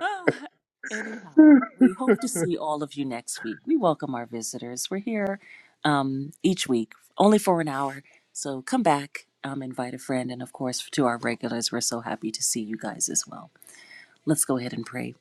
Oh, anyhow, we hope to see all of you next week. We welcome our visitors. We're here um, each week, only for an hour. So come back, um, invite a friend, and of course, to our regulars, we're so happy to see you guys as well. Let's go ahead and pray.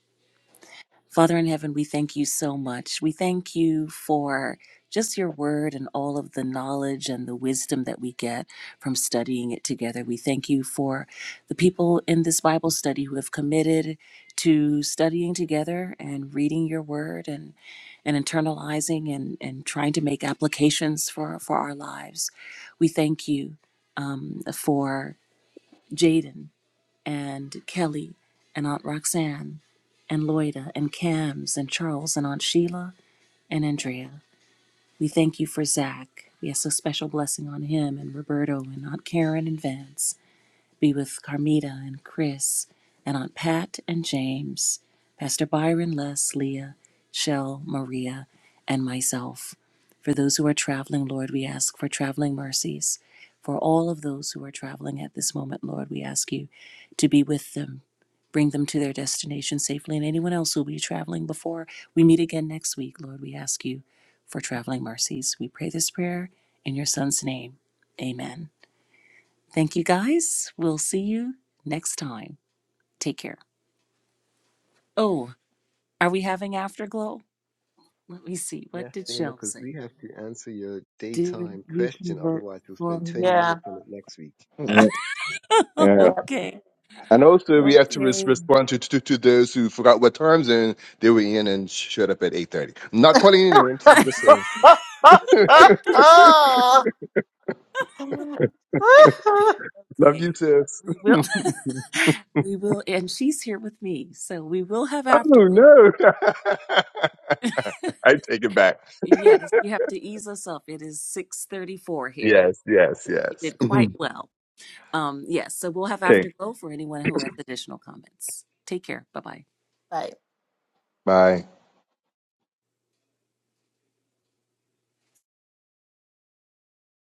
Father in heaven, we thank you so much. We thank you for just your word and all of the knowledge and the wisdom that we get from studying it together. We thank you for the people in this Bible study who have committed to studying together and reading your word and, and internalizing and, and trying to make applications for, for our lives. We thank you um, for Jaden and Kelly and Aunt Roxanne and Loida and Cams and Charles and Aunt Sheila and Andrea. We thank you for Zach. We ask a special blessing on him and Roberto and Aunt Karen and Vance be with Carmita and Chris and Aunt Pat and James, Pastor Byron, Les, Leah, Shell, Maria, and myself. For those who are traveling, Lord, we ask for traveling mercies. For all of those who are traveling at this moment, Lord, we ask you to be with them. Bring them to their destination safely, and anyone else who will be traveling before we meet again next week, Lord, we ask you for traveling mercies. We pray this prayer in your Son's name. Amen. Thank you guys. We'll see you next time. Take care. Oh, are we having afterglow? Let me see. What
Yes,
did
Dana,
Shell
because
say?
we have to answer your
Did
daytime
you
question.
convert
Otherwise, we'll
for?
spend 20
Yeah.
minutes on it next week.
yeah,
Yep.
okay.
and also we have to res-
Okay.
respond to, to to those who forgot what time zone they were in and showed up at eight thirty. Not calling any names. I'm just saying. Love you,
okay.
sis.
We will. we will. And she's here with me, so we will have
Oh
afterglow.
no! I take it back.
Yes, you have to ease us up. It is six thirty-four here.
Yes, yes,
You
yes.
did quite
Mhm.
well. Um, yes, so we'll have
Okay,
afterglow for anyone who has additional comments. Take care. Bye bye.
right.
bye.